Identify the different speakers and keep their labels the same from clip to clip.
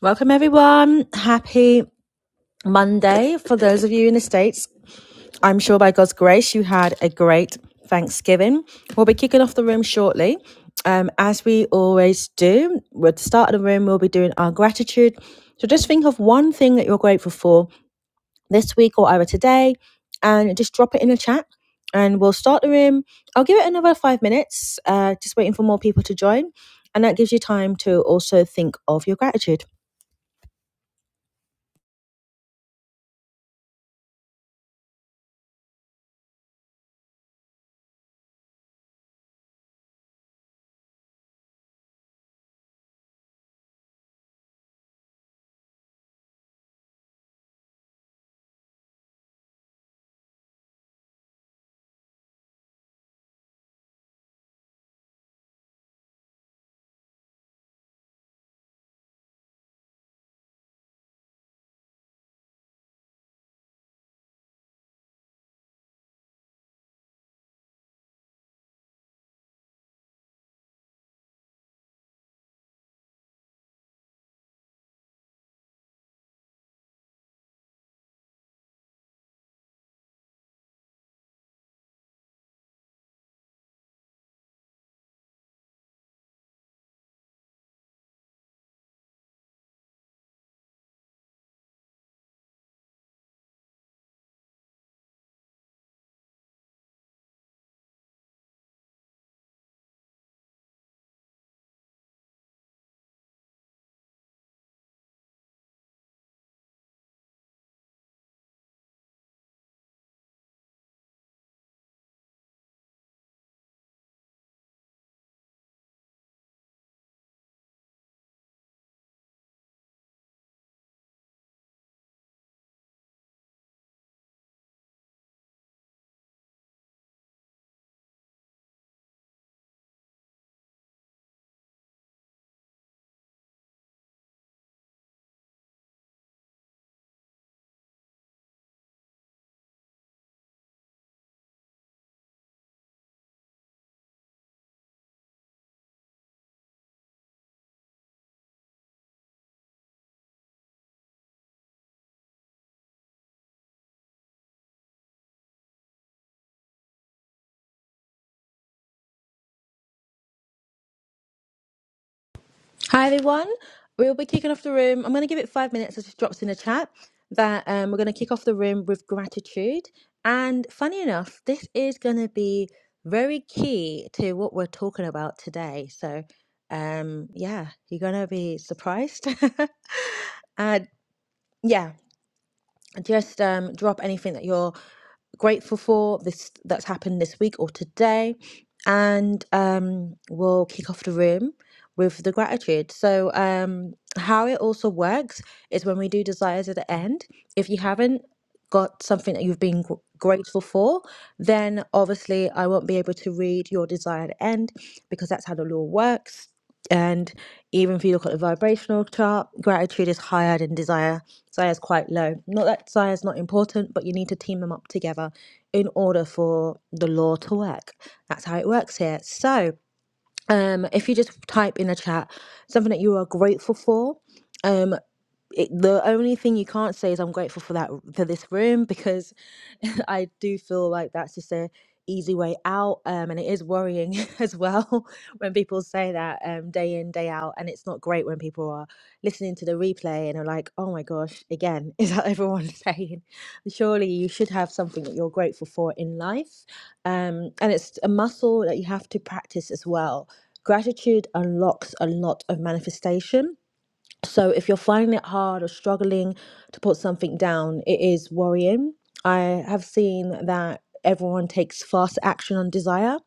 Speaker 1: Welcome, everyone. Happy Monday for those of you in the States. I'm sure by God's grace you had a great Thanksgiving. We'll be kicking off the room shortly. Um, as we always do, at the start of the room, we'll be doing our gratitude. So just think of one thing that you're grateful for this week or either today and just drop it in the chat and we'll start the room. I'll give it another five minutes, uh, just waiting for more people to join. And that gives you time to also think of your gratitude. Hi everyone. We'll be kicking off the room. I'm going to give it five minutes. I just dropped in the chat that um, we're going to kick off the room with gratitude. And funny enough, this is going to be very key to what we're talking about today. So, um, yeah, you're going to be surprised. uh, yeah, just um, drop anything that you're grateful for this that's happened this week or today and um we'll kick off the room with the gratitude so um how it also works is when we do desires at the end if you haven't got something that you've been gr- grateful for then obviously i won't be able to read your desire at the end because that's how the law works and even if you look at the vibrational chart gratitude is higher than desire Zaya's quite low. Not that Zaya's not important, but you need to team them up together in order for the law to work. That's how it works here. So, um, if you just type in the chat something that you are grateful for, um it, the only thing you can't say is I'm grateful for that for this room because I do feel like that's just a easy way out um, and it is worrying as well when people say that um, day in day out and it's not great when people are listening to the replay and are like oh my gosh again is that everyone saying surely you should have something that you're grateful for in life um, and it's a muscle that you have to practice as well gratitude unlocks a lot of manifestation so if you're finding it hard or struggling to put something down, it is worrying. I have seen that everyone takes fast action on desire,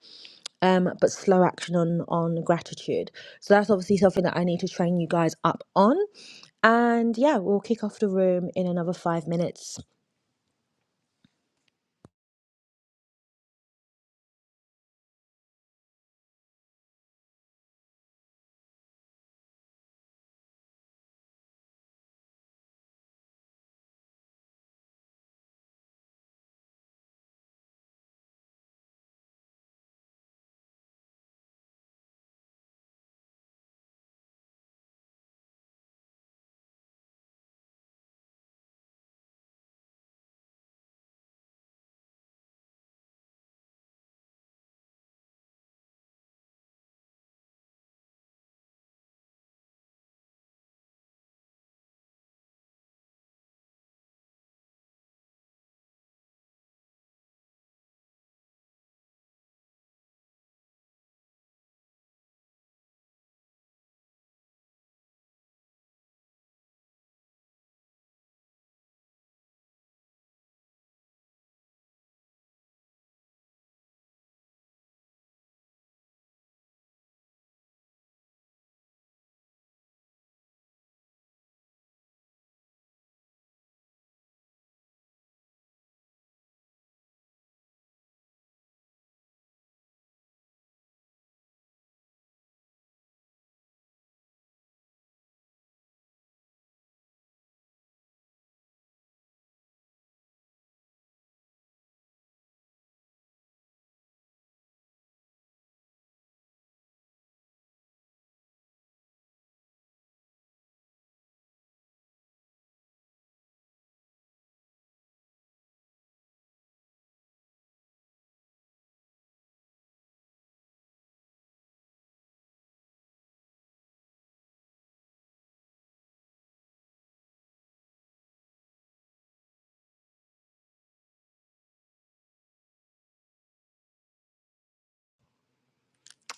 Speaker 1: um, but slow action on on gratitude. So that's obviously something that I need to train you guys up on. And yeah, we'll kick off the room in another five minutes.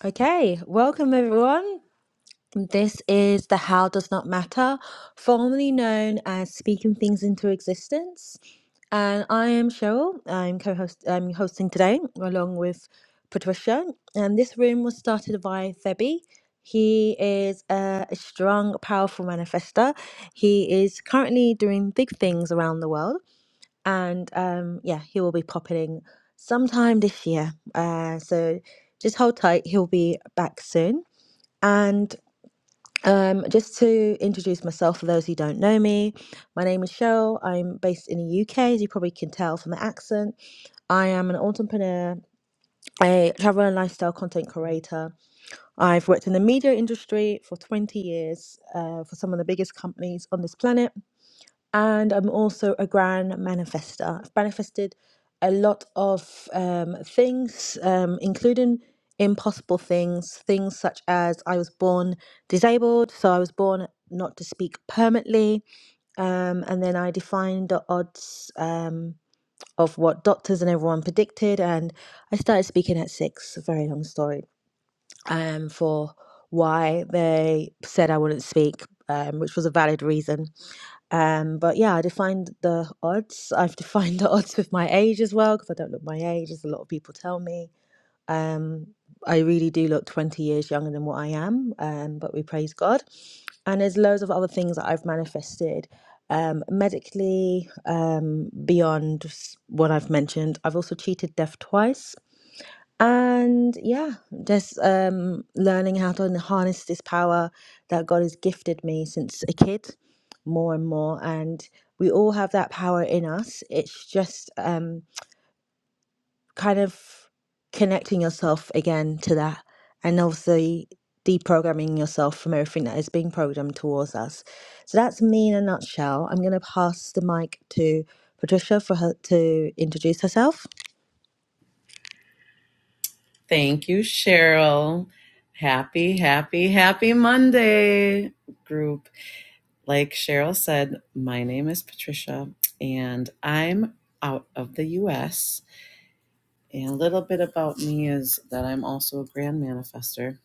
Speaker 1: Okay, welcome everyone. This is the How Does Not Matter, formerly known as Speaking Things into Existence. And I am Cheryl. I'm co-host I'm hosting today along with Patricia. And this room was started by Thebe. He is a a strong, powerful manifester. He is currently doing big things around the world. And um, yeah, he will be popping sometime this year. Uh, so just hold tight, he'll be back soon. And um, just to introduce myself for those who don't know me, my name is Cheryl. I'm based in the UK, as you probably can tell from the accent. I am an entrepreneur, a travel and lifestyle content creator. I've worked in the media industry for 20 years uh, for some of the biggest companies on this planet and I'm also a grand manifester. I've manifested a lot of um, things, um, including impossible things, things such as I was born disabled, so I was born not to speak permanently, um, and then I defined the odds um, of what doctors and everyone predicted, and I started speaking at six. A very long story um, for why they said I wouldn't speak, um, which was a valid reason um, but yeah, I defined the odds. I've defined the odds with my age as well, because I don't look my age, as a lot of people tell me. Um, I really do look 20 years younger than what I am, um, but we praise God. And there's loads of other things that I've manifested um, medically, um, beyond s- what I've mentioned. I've also cheated death twice. And yeah, just um, learning how to harness this power that God has gifted me since a kid more and more. And we all have that power in us. It's just um, kind of connecting yourself again to that. And obviously, deprogramming yourself from everything that is being programmed towards us. So that's me in a nutshell. I'm going to pass the mic to Patricia for her to introduce herself.
Speaker 2: Thank you, Cheryl. Happy, happy, happy Monday, group. Like Cheryl said, my name is Patricia and I'm out of the US. And a little bit about me is that I'm also a grand manifester.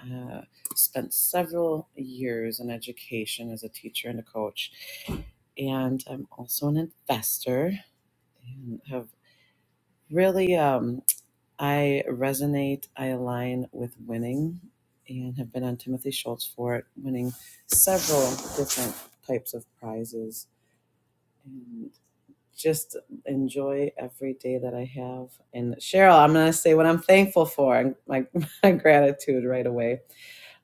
Speaker 2: Uh, spent several years in education as a teacher and a coach. And I'm also an investor and have really. um, I resonate, I align with winning and have been on Timothy Schultz for it, winning several different types of prizes and just enjoy every day that I have. And Cheryl, I'm going to say what I'm thankful for and my, my gratitude right away.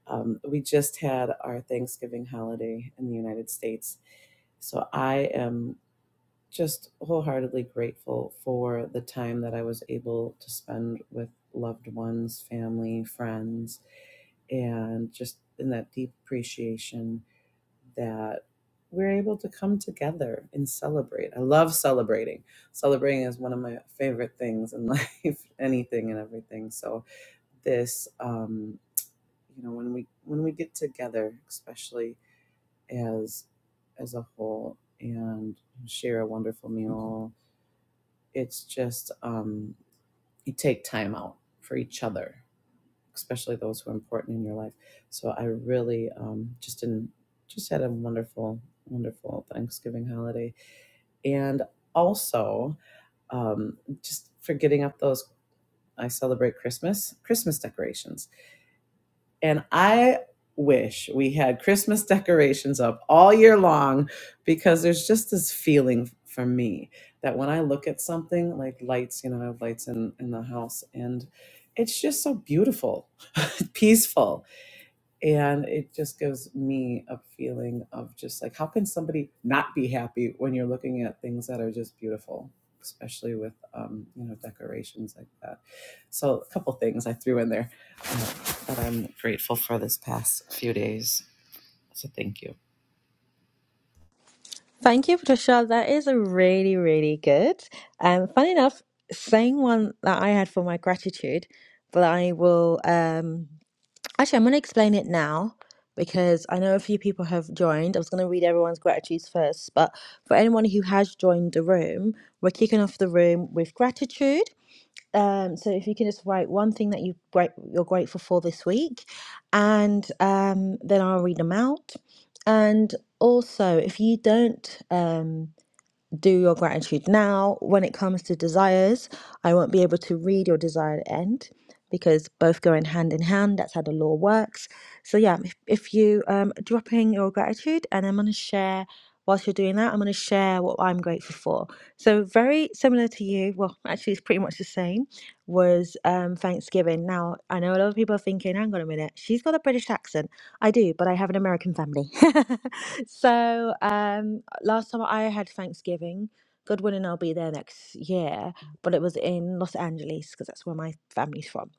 Speaker 2: Um, we just had our Thanksgiving holiday in the United States. So I am just wholeheartedly grateful for the time that I was able to spend with loved ones, family, friends, and just in that deep appreciation that we're able to come together and celebrate. I love celebrating. Celebrating is one of my favorite things in life, anything and everything. So this um you know when we when we get together especially as as a whole and share a wonderful meal it's just um, you take time out for each other, especially those who are important in your life. So I really um, just in just had a wonderful, wonderful Thanksgiving holiday, and also um, just for getting up those. I celebrate Christmas, Christmas decorations and I wish we had Christmas decorations up all year long because there's just this feeling for me that when I look at something like lights, you know, I have lights in, in the house and it's just so beautiful, peaceful. And it just gives me a feeling of just like, how can somebody not be happy when you're looking at things that are just beautiful, especially with, um, you know, decorations like that. So a couple things I threw in there uh, that I'm grateful for this past few days. So thank you.
Speaker 1: Thank you, Patricia. That is really, really good. Um, fun enough, same one that I had for my gratitude, but I will um, actually I'm going to explain it now because I know a few people have joined. I was going to read everyone's gratitudes first, but for anyone who has joined the room, we're kicking off the room with gratitude. Um, so if you can just write one thing that you great you're grateful for this week, and um, then I'll read them out. And also, if you don't um, do your gratitude now. When it comes to desires, I won't be able to read your desired end because both go in hand in hand. That's how the law works. So yeah, if, if you um dropping your gratitude, and I'm gonna share whilst you're doing that, I'm gonna share what I'm grateful for. So very similar to you. Well, actually, it's pretty much the same. Was um Thanksgiving. Now I know a lot of people are thinking, hang on a minute, she's got a British accent. I do, but I have an American family. So um, last time I had Thanksgiving, God willing, I'll be there next year, but it was in Los Angeles because that's where my family's from.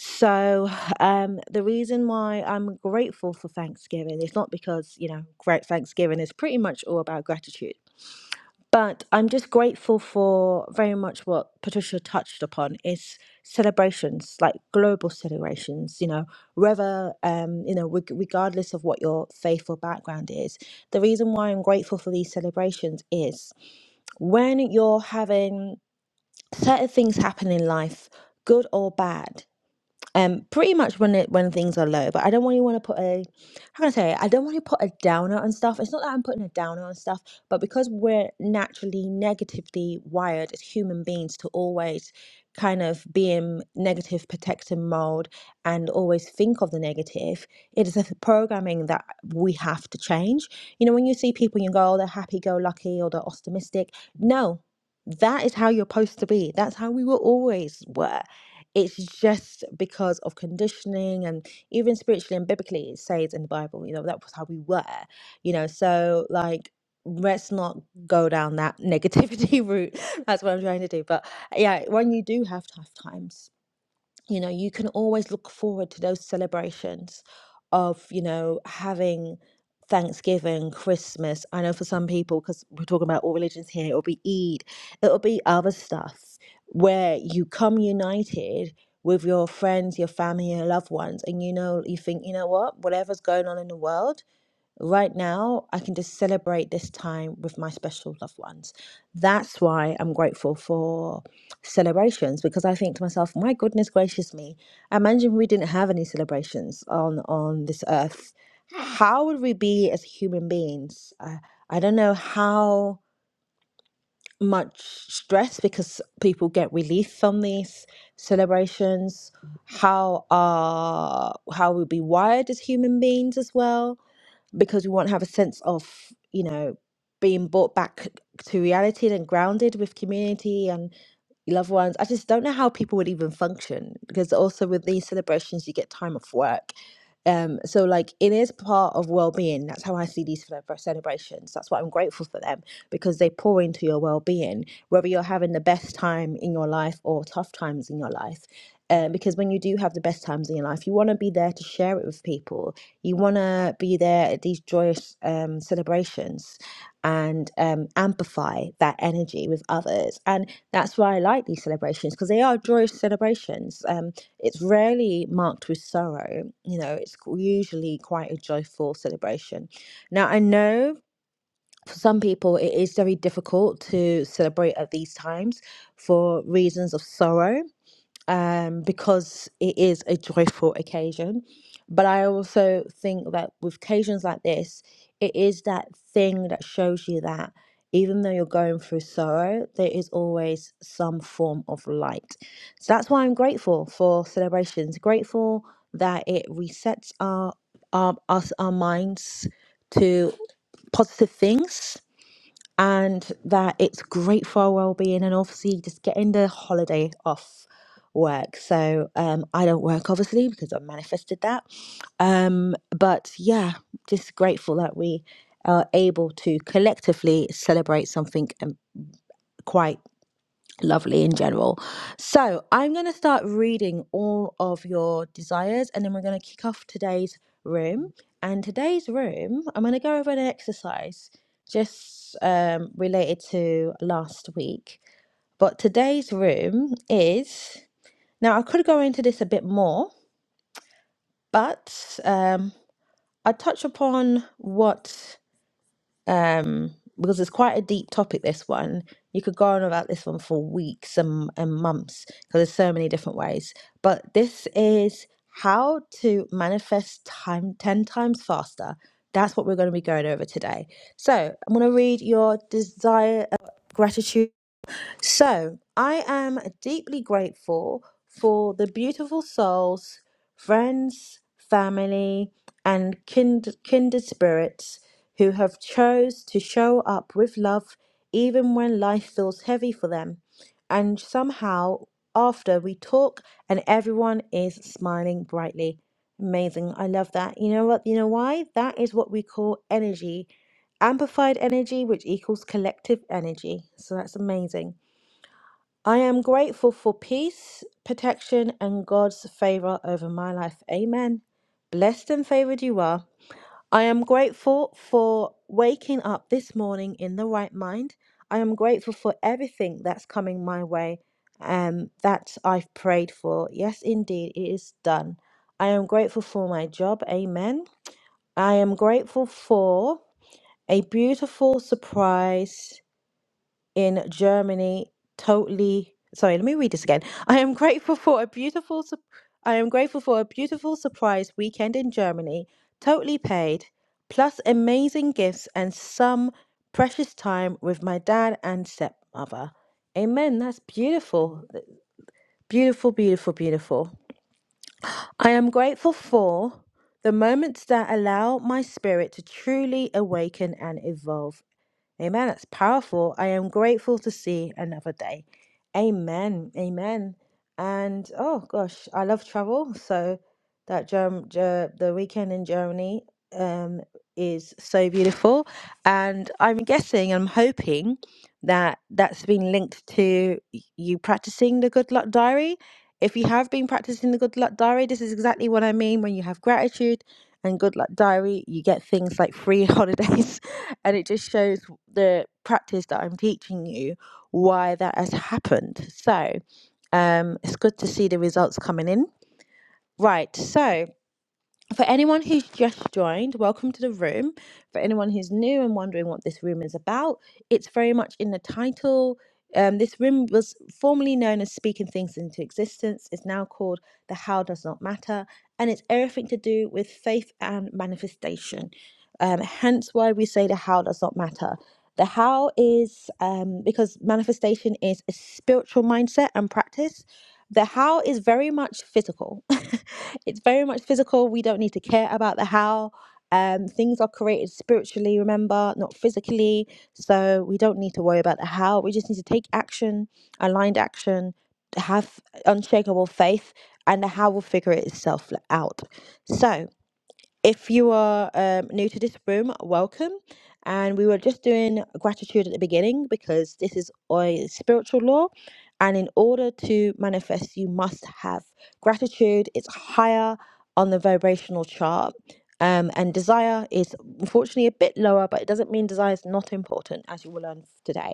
Speaker 1: So um, the reason why I'm grateful for Thanksgiving is not because, you know, great Thanksgiving is pretty much all about gratitude. But I'm just grateful for very much what Patricia touched upon is celebrations, like global celebrations. You know, whether um, you know, reg- regardless of what your faith or background is, the reason why I'm grateful for these celebrations is when you're having certain things happen in life, good or bad um pretty much when it when things are low but i don't really want to put a how can i say it? i don't want to put a downer on stuff it's not that i'm putting a downer on stuff but because we're naturally negatively wired as human beings to always kind of be in negative protective mode and always think of the negative it is a programming that we have to change you know when you see people you go oh they're happy-go-lucky or they're optimistic no that is how you're supposed to be that's how we will always were it's just because of conditioning and even spiritually and biblically it says in the bible you know that was how we were you know so like let's not go down that negativity route that's what i'm trying to do but yeah when you do have tough times you know you can always look forward to those celebrations of you know having Thanksgiving, Christmas. I know for some people, because we're talking about all religions here, it'll be Eid, it'll be other stuff where you come united with your friends, your family, your loved ones, and you know, you think, you know what, whatever's going on in the world, Right now, I can just celebrate this time with my special loved ones. That's why I'm grateful for celebrations because I think to myself, my goodness gracious me, imagine we didn't have any celebrations on on this earth. How would we be as human beings? Uh, I don't know how much stress because people get relief from these celebrations. How are how we be wired as human beings as well? because we want to have a sense of you know being brought back to reality and grounded with community and your loved ones. I just don't know how people would even function because also with these celebrations, you get time off work. Um, so like it is part of well-being. That's how I see these celebra- celebrations. That's why I'm grateful for them because they pour into your well-being, whether you're having the best time in your life or tough times in your life. Um, because when you do have the best times in your life, you want to be there to share it with people. You want to be there at these joyous um, celebrations and um, amplify that energy with others. And that's why I like these celebrations because they are joyous celebrations. Um, it's rarely marked with sorrow. You know, it's qu- usually quite a joyful celebration. Now, I know for some people it is very difficult to celebrate at these times for reasons of sorrow um, because it is a joyful occasion. But I also think that with occasions like this, it is that thing that shows you that even though you're going through sorrow, there is always some form of light. So that's why I'm grateful for celebrations, grateful that it resets our, our us our minds to positive things and that it's great for our well-being and obviously just getting the holiday off work so um i don't work obviously because i manifested that um but yeah just grateful that we are able to collectively celebrate something um, quite lovely in general. So I'm going to start reading all of your desires and then we're going to kick off today's room. And today's room, I'm going to go over an exercise just um, related to last week. But today's room is now I could go into this a bit more, but um, I touch upon what um, because it's quite a deep topic. This one you could go on about this one for weeks and, and months because there's so many different ways. But this is how to manifest time ten times faster. That's what we're going to be going over today. So I'm going to read your desire, uh, gratitude. So I am deeply grateful for the beautiful souls, friends, family, and kind, kindred spirits who have chose to show up with love even when life feels heavy for them. And somehow after we talk and everyone is smiling brightly. Amazing. I love that. You know what? You know why? That is what we call energy. Amplified energy, which equals collective energy. So that's amazing. I am grateful for peace, protection, and God's favor over my life. Amen. Blessed and favored you are. I am grateful for waking up this morning in the right mind. I am grateful for everything that's coming my way um, that I've prayed for. Yes, indeed, it is done. I am grateful for my job. Amen. I am grateful for a beautiful surprise in Germany totally sorry let me read this again I am grateful for a beautiful sup- I am grateful for a beautiful surprise weekend in Germany totally paid plus amazing gifts and some precious time with my dad and stepmother amen that's beautiful beautiful beautiful beautiful I am grateful for the moments that allow my spirit to truly awaken and evolve Amen. That's powerful. I am grateful to see another day. Amen. Amen. And oh gosh, I love travel. So that Germ- Ger- the weekend in Germany um, is so beautiful. And I'm guessing, I'm hoping that that's been linked to y- you practicing the good luck diary. If you have been practicing the good luck diary, this is exactly what I mean when you have gratitude and good luck diary, you get things like free holidays and it just shows the practice that I'm teaching you why that has happened. So um, it's good to see the results coming in. Right. So for anyone who's just joined, welcome to the room. For anyone who's new and wondering what this room is about, it's very much in the title. Um, this room was formerly known as Speaking Things into Existence, It's now called The How Does Not Matter, and it's everything to do with faith and manifestation. Um, hence why we say the how does not matter. The how is um, because manifestation is a spiritual mindset and practice the how is very much physical. it's very much physical. We don't need to care about the how. Um, things are created spiritually, remember, not physically. So we don't need to worry about the how. We just need to take action, aligned action, have unshakable faith, and the how will figure it itself out. So, if you are um, new to this room, welcome. And we were just doing gratitude at the beginning because this is a spiritual law. And in order to manifest, you must have gratitude. It's higher on the vibrational chart. Um, and desire is unfortunately a bit lower, but it doesn't mean desire is not important, as you will learn today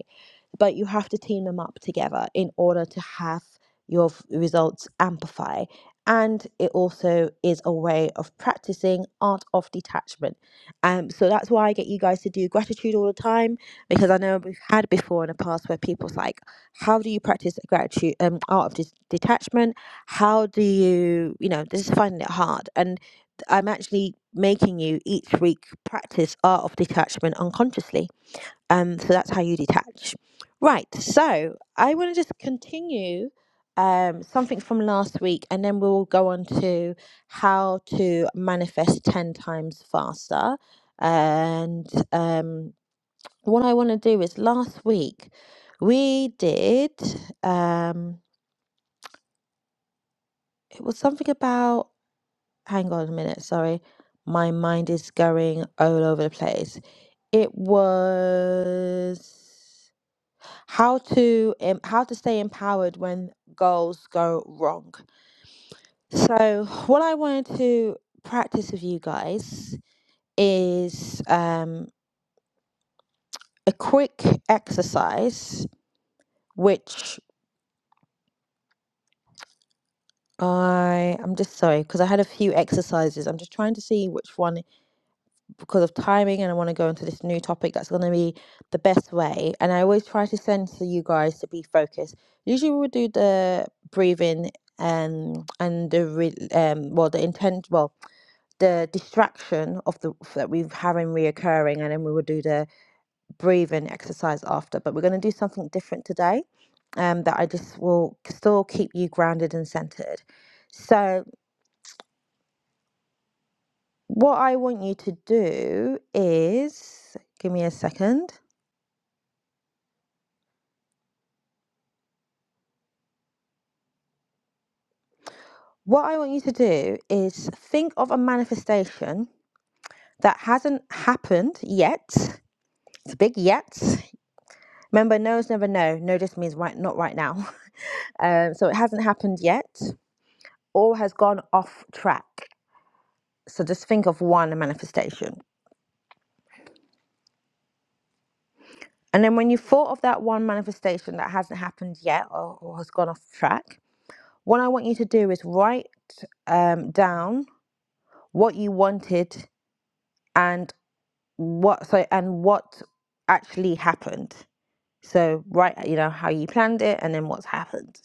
Speaker 1: but you have to team them up together in order to have your results amplify. And it also is a way of practicing art of detachment. Um, so that's why I get you guys to do gratitude all the time because I know we've had before in the past where people's like, how do you practice gratitude, um, art of dis- detachment? How do you, you know, this is finding it hard. And I'm actually making you each week practice art of detachment unconsciously um, so that's how you detach. Right. So I want to just continue um, something from last week, and then we'll go on to how to manifest 10 times faster. And um, what I want to do is last week we did, um, it was something about, hang on a minute, sorry. My mind is going all over the place. It was how to um, how to stay empowered when goals go wrong. So what I wanted to practice with you guys is um, a quick exercise, which I I'm just sorry because I had a few exercises. I'm just trying to see which one because of timing and I want to go into this new topic that's going to be the best way. And I always try to send to you guys to be focused. Usually we would do the breathing and and the re- um well the intent well the distraction of the that we're having reoccurring and then we would do the breathing exercise after but we're going to do something different today um that I just will still keep you grounded and centered so what I want you to do is give me a second What I want you to do is think of a manifestation that hasn't happened yet. It's a big yet. Remember, no is never no. No just means right, not right now. Um, so it hasn't happened yet or has gone off track. So just think of one manifestation. And then when you thought of that one manifestation that hasn't happened yet or, or has gone off track, what I want you to do is write um, down what you wanted and what so and what actually happened. So write, you know, how you planned it and then what's happened.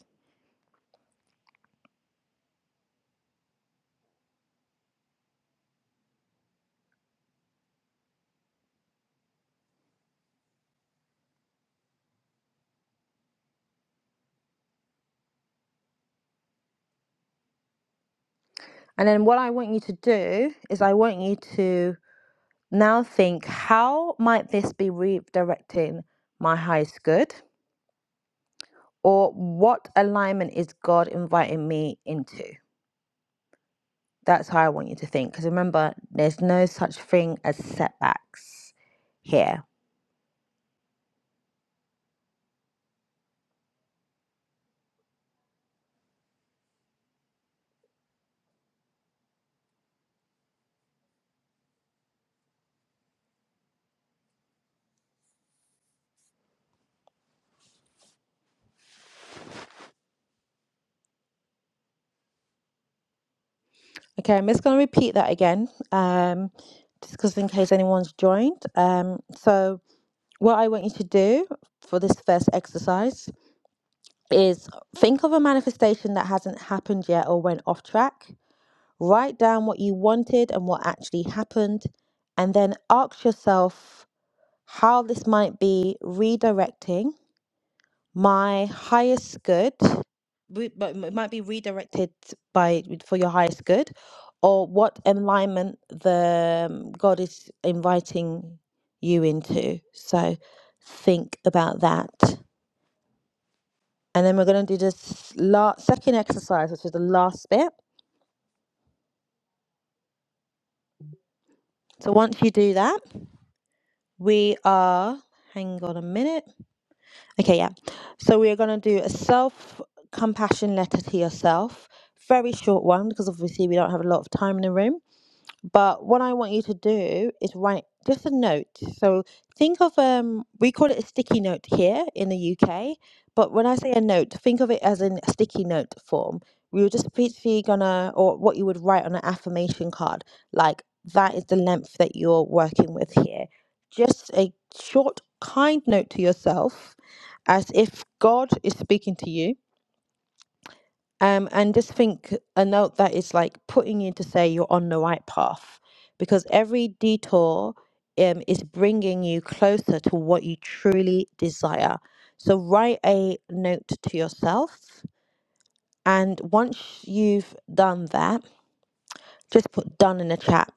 Speaker 1: And then what I want you to do is I want you to now think how might this be redirecting my highest good or what alignment is God inviting me into? That's how I want you to think because remember there's no such thing as setbacks here. Okay, I'm just going to repeat that again, um, just 'cause in case anyone's joined. Um, so, what I want you to do for this first exercise is think of a manifestation that hasn't happened yet or went off track. Write down what you wanted and what actually happened, and then ask yourself how this might be redirecting my highest good re- but it might be redirected by for your highest good or what alignment the um, god is inviting you into so think about that and then we're going to do this last second exercise which is the last bit so once you do that we are hang on a minute okay yeah so we are going to do a self compassion letter to yourself very short one because obviously we don't have a lot of time in the room But what I want you to do is write just a note. So think of um we call it a sticky note here in the UK, but when I say a note, think of it as in a sticky note form. We were just basically gonna or what you would write on an affirmation card, like that is the length that you're working with here. Just a short kind note to yourself as if God is speaking to you um, and just think a note that is like putting you to say you're on the right path because every detour um, is bringing you closer to what you truly desire. So write a note to yourself. And once you've done that, just put done in the chat.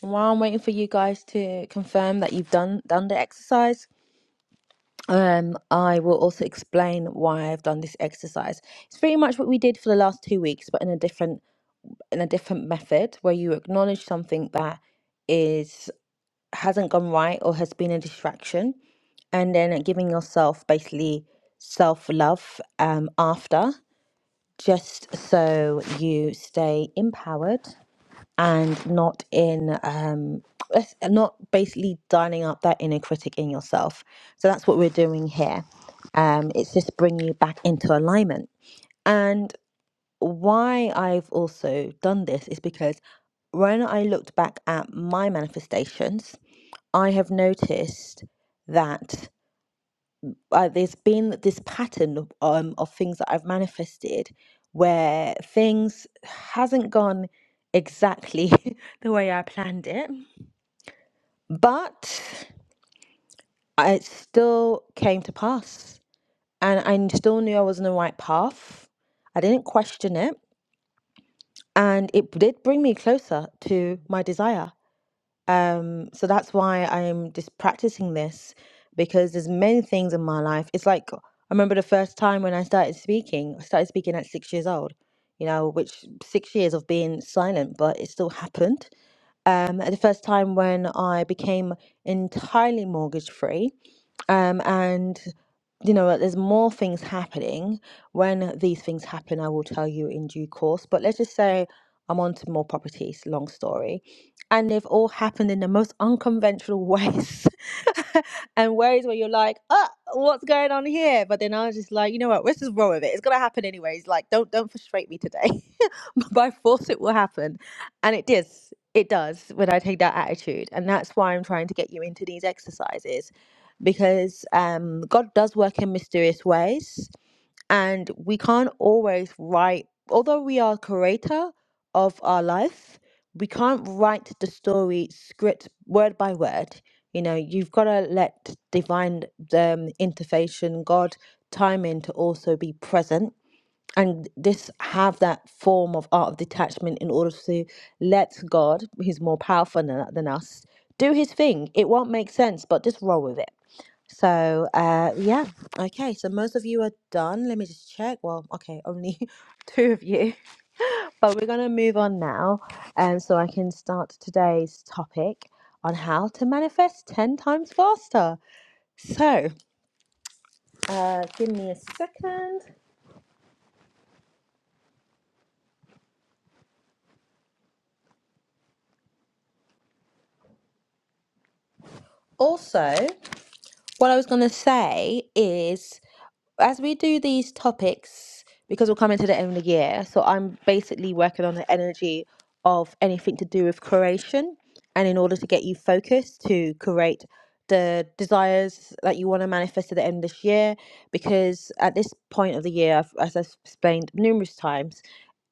Speaker 1: While I'm waiting for you guys to confirm that you've done done the exercise, um, I will also explain why I've done this exercise. It's pretty much what we did for the last two weeks, but in a different in a different method where you acknowledge something that is hasn't gone right or has been a distraction and then giving yourself basically self love um, after, just so you stay empowered and not in um, let's- not basically dialing up that inner critic in yourself. So that's what we're doing here. Um, it's just bring you back into alignment. And why I've also done this is because when I looked back at my manifestations, I have noticed that uh, there's been this pattern of, um, of things that I've manifested where things hasn't gone exactly the way I planned it, but I- it still came to pass, and I n- still knew I was on the right path. I didn't question it. and it did bring me closer to my desire. Um, so that's why I'm just practicing this because there's many things in my life. It's like I remember the first time when I started speaking. I started speaking at six years old, you know, which six years of being silent, but it still happened. Um, the first time when I became entirely mortgage free, um, and you know there's more things happening when these things happen i will tell you in due course but let's just say i'm on to more properties long story and they've all happened in the most unconventional ways and ways where you're like oh what's going on here but then i was just like you know what let's just roll with it it's gonna happen anyways like don't don't frustrate me today by force it will happen and it does it does when i take that attitude and that's why i'm trying to get you into these exercises because um, God does work in mysterious ways, and we can't always write, although we are creator of our life, we can't write the story script word by word. You know, you've got to let divine um, intervention, God, timing to also be present. And this have that form of art of detachment in order to let God, who's more powerful than, than us, do his thing. It won't make sense, but just roll with it so, uh, yeah, okay. So most of you are done. Let me just check. Well, okay, only two of you, but we're gonna move on now, and so I can start today's topic on how to manifest ten times faster. So, uh, give me a second. Also, what I was gonna say is. as we do these topics, because we're coming to the end of the year, so I'm basically working on the energy of anything to do with creation. And in order to get you focused to create the desires that you want to manifest at the end of this year, because at this point of the year, I've, as I've explained numerous times,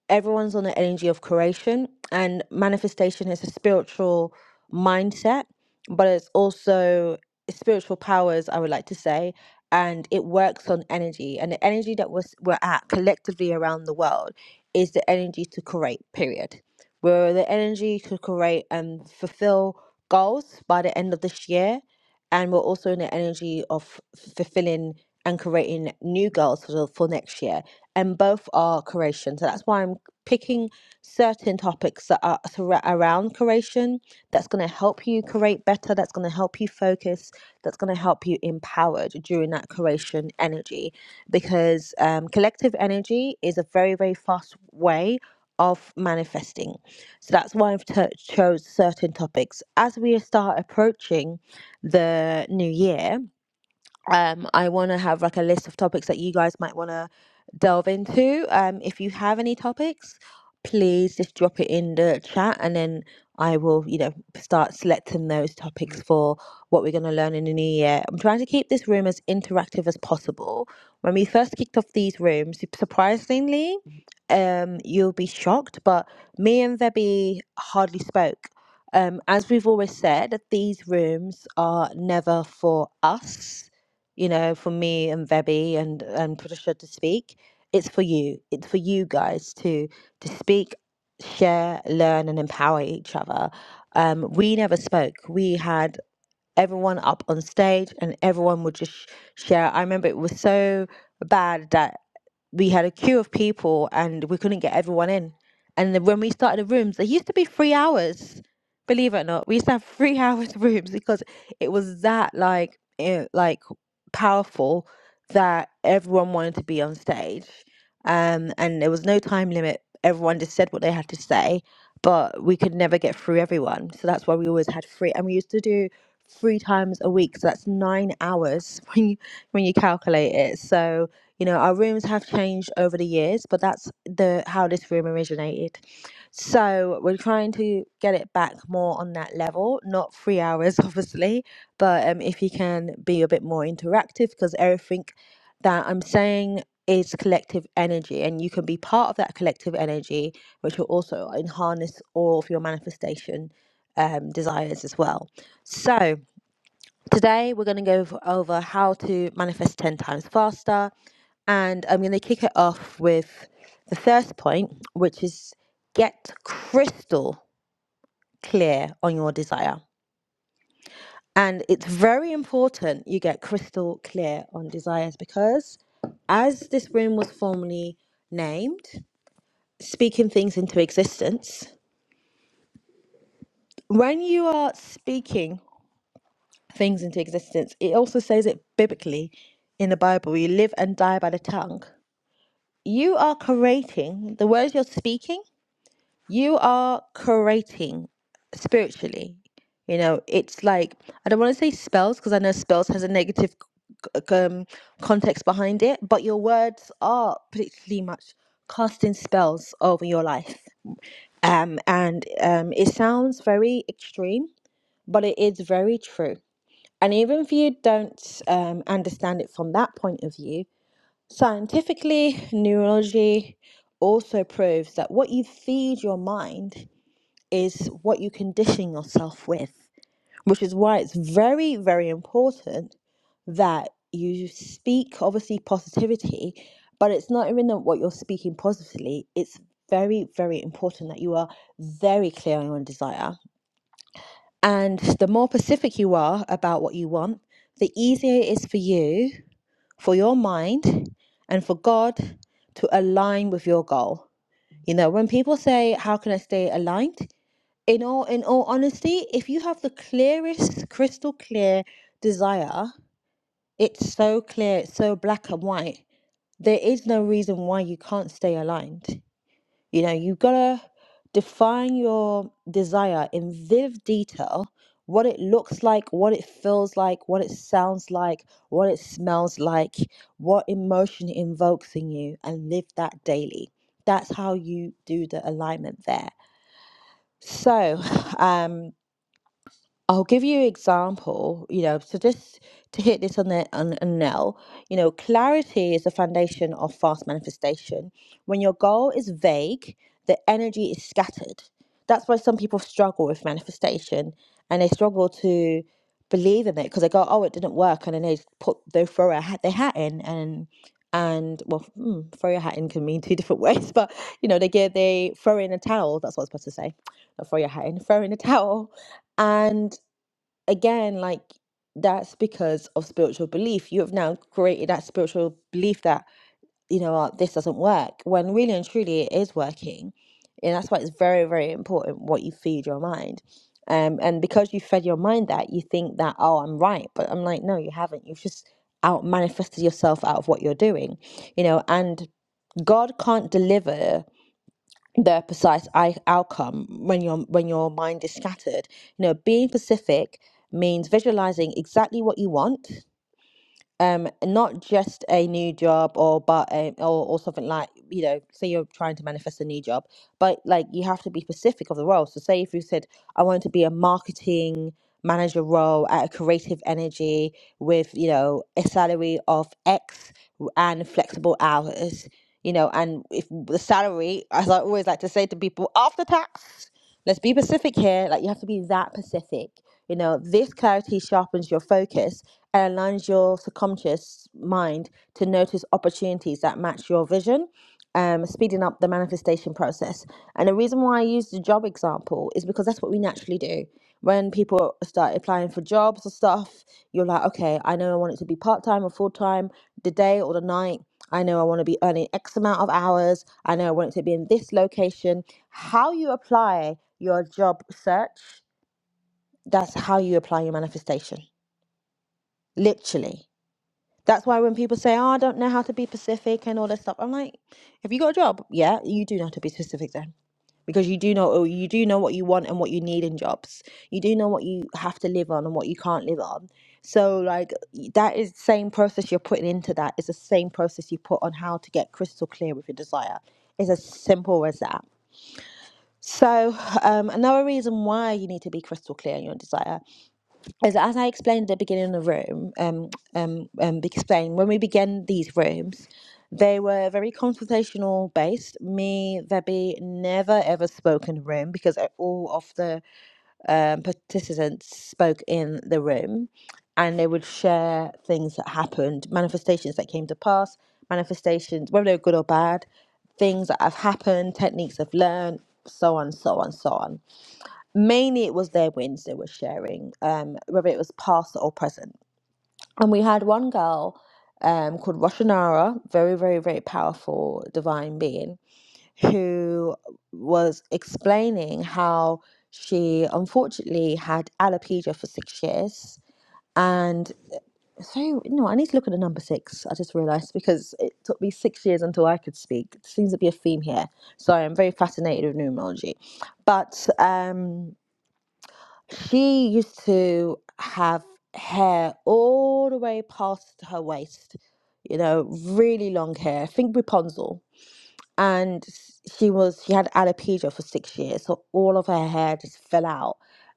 Speaker 1: everyone's on the energy of creation and manifestation is a spiritual mindset but it's also spiritual powers i would like to say and it works on energy and the energy that we're, we're at collectively around the world is the energy to create period we're the energy to create and fulfill goals by the end of this year and we're also in the energy of fulfilling and creating new goals for, the, for next year and both are creation. So that's why I'm picking certain topics that are thro- around curation that's going to help you curate better, that's going to help you focus, that's going to help you empowered during that curation energy. Because um, collective energy is a very, very fast way of manifesting. So that's why I've t- chose certain topics. As we start approaching the new year, um, I want to have like a list of topics that you guys might want to delve into. Um, if you have any topics, please just drop it in the chat and then I will, you know, start selecting those topics for what we're going to learn in the new year. I'm trying to keep this room as interactive as possible. When we first kicked off these rooms, surprisingly, um, you'll be shocked, but me and Vebby hardly spoke. Um, as we've always said, these rooms are never for us you know, for me and Vebi and and Patricia to speak. It's for you. It's for you guys to to speak, share, learn, and empower each other. Um, we never spoke. We had everyone up on stage and everyone would just share. I remember it was so bad that we had a queue of people and we couldn't get everyone in. And then when we started the rooms, they used to be three hours. Believe it or not, we used to have three hours rooms because it was that like eh, like powerful that everyone wanted to be on stage. Um, and there was no time limit. Everyone just said what they had to say, but we could never get through everyone. So that's why we always had free. And we used to do three times a week. So that's nine hours when you when you calculate it. So you know our rooms have changed over the years, but that's the how this room originated. So we're trying to get it back more on that level, not three hours, obviously, but um, if you can be a bit more interactive, because everything that I'm saying is collective energy, and you can be part of that collective energy, which will also harness all of your manifestation um, desires as well. So Today, we're going to go v- over how to manifest 10 times faster. And I'm going to kick it off with the first point, which is get crystal clear on your desire. And it's very important you get crystal clear on desires because as this room was formerly named, speaking things into existence, when you are speaking things into existence, it also says it biblically in the Bible you live and die by the tongue. you are creating the words you're speaking you are creating spiritually you know it's like i don't want to say spells because i know spells has a negative c- c- um, context behind it but your words are pretty much casting spells over your life um and um it sounds very extreme but it is very true and even if you don't um, understand it from that point of view Scientifically, neurology also proves that what you feed your mind is what you condition yourself with, which is why it's very, very important that you speak, obviously, positivity, but it's not even that what you're speaking positively. It's very, very important that you are very clear on your desire. And the more specific you are about what you want, the easier it is for you for your mind and for God to align with your goal. You know, when people say, How can I stay aligned? In all in all honesty, if you have the clearest, crystal clear desire, it's so clear, it's so black and white, there is no reason why you can't stay aligned. You know, you've got to define your desire in vivid detail what it looks like, what it feels like, what it sounds like, what it smells like, what emotion it invokes in you, and live that daily. That's how you do the alignment there. So, um, I'll give you an example, you know, so just to hit this on the on a nail, you know, clarity is the foundation of fast manifestation. When your goal is vague, the energy is scattered. That's why some people struggle with manifestation and they struggle to believe in it because they go, oh, it didn't work, and then they just put they throw a hat, their hat in and and well, hmm, throw your hat in can mean two different ways, but you know, they get they throw in a towel. That's what I was supposed to say. Not throw your hat in, throw in a towel and again, like that's because of spiritual belief. You have now created that spiritual belief that, you know, uh, this doesn't work, when really and truly it is working. And that's why it's very, very important what you feed your mind. Um, and because you fed your mind that, you think that, oh, I'm right. But I'm like, no, you haven't. You've just out manifested yourself out of what you're doing, you know, and God can't deliver the precise I- outcome when your when your mind is scattered. You know, being specific means visualizing exactly what you want um not just a new job or but um, or, or something like you know say you're trying to manifest a new job but like you have to be specific of the role so say if you said i want to be a marketing manager role at a creative energy with you know a salary of X and flexible hours you know and if the salary as i always like to say to people after tax Let's be specific here. Like you have to be that specific. You know, this clarity sharpens your focus and aligns your subconscious mind to notice opportunities that match your vision, um, speeding up the manifestation process. And the reason why I use the job example is because that's what we naturally do. When people start applying for jobs or stuff, you're like, okay, I know I want it to be part time or full time, the day or the night I know I want to be earning X amount of hours. I know I want it to be in this location. How you apply your job search, that's how you apply your manifestation, literally. That's why when people say, "Oh, I don't know how to be Pacific" and all this stuff, I'm like, "Have you got a job? Yeah, you do know how to be specific then, because you do know oh, you do know what you want and what you need in jobs. You do know what you have to live on and what you can't live on. So like that is the same process you're putting into that. It's the same process you put on how to get crystal clear with your desire. It's as simple as that. So um, another reason why you need to be crystal clear in your desire as, as I explained at the beginning of the room, um, um, um, explained when we began these rooms, they were very conversational based. Me, Vebby, never ever spoke in the room because uh, all of the um, participants spoke in the room, and they would share things that happened, manifestations that came to pass, manifestations whether they were good or bad, things that have happened, techniques they've learned, so on, so on, so on mainly it was their wins they were sharing, um, whether it was past or present. And we had one girl um, called Roshanara, very, very, very powerful divine being, who was explaining how she unfortunately had alopecia for six years. And so, you know, I need to look at the number six, I just realised, because it took me six years until I could speak. It seems to be a theme here. So I'm very fascinated with numerology. But um, she used to have hair all the way past her waist, you know, really long hair. Think Rapunzel and s- she was she had alopecia for six years, so all of her hair just fell out.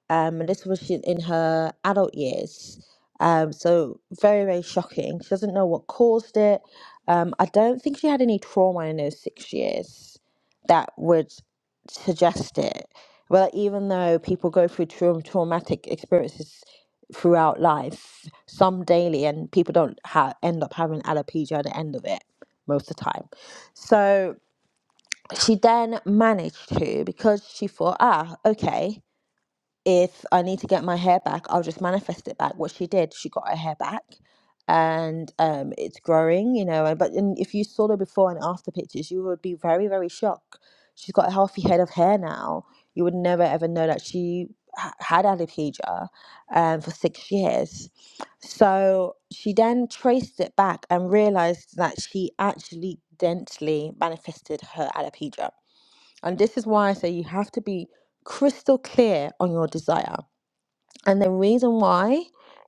Speaker 1: Um, and this was she, in her adult years. Um, so very very shocking. She doesn't know what caused it. Um, I don't think she had any trauma in those six years that would suggest it. Well, even though people go through traum- traumatic experiences throughout life, some daily, and people don't ha- end up having alopecia at the end of it most of the time. So she then managed to because she thought ah okay if i need to get my hair back i'll just manifest it back what she did she got her hair back and um it's growing you know and- but and if you saw the before and after pictures you would be very very shocked she's got a healthy head of hair now you would never ever know that she ha- had alopecia um, for six years so she then traced it back and realized that she actually dentally manifested her alopecia and this is why I say you have to be crystal clear on your desire. And the reason why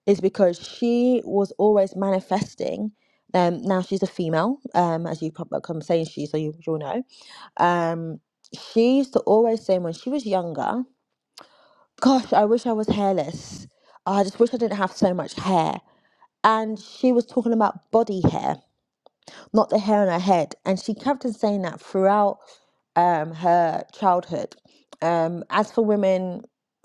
Speaker 1: is because she was always manifesting. Um, now she's a female, um, as you probably come saying she, so you, you'll know. Um, she used to always say when she was younger, Gosh, I wish I was hairless. I just wish I didn't have so much hair. And she was talking about body hair not the hair on her head. And she kept on saying that throughout um, her childhood. Um, as for women,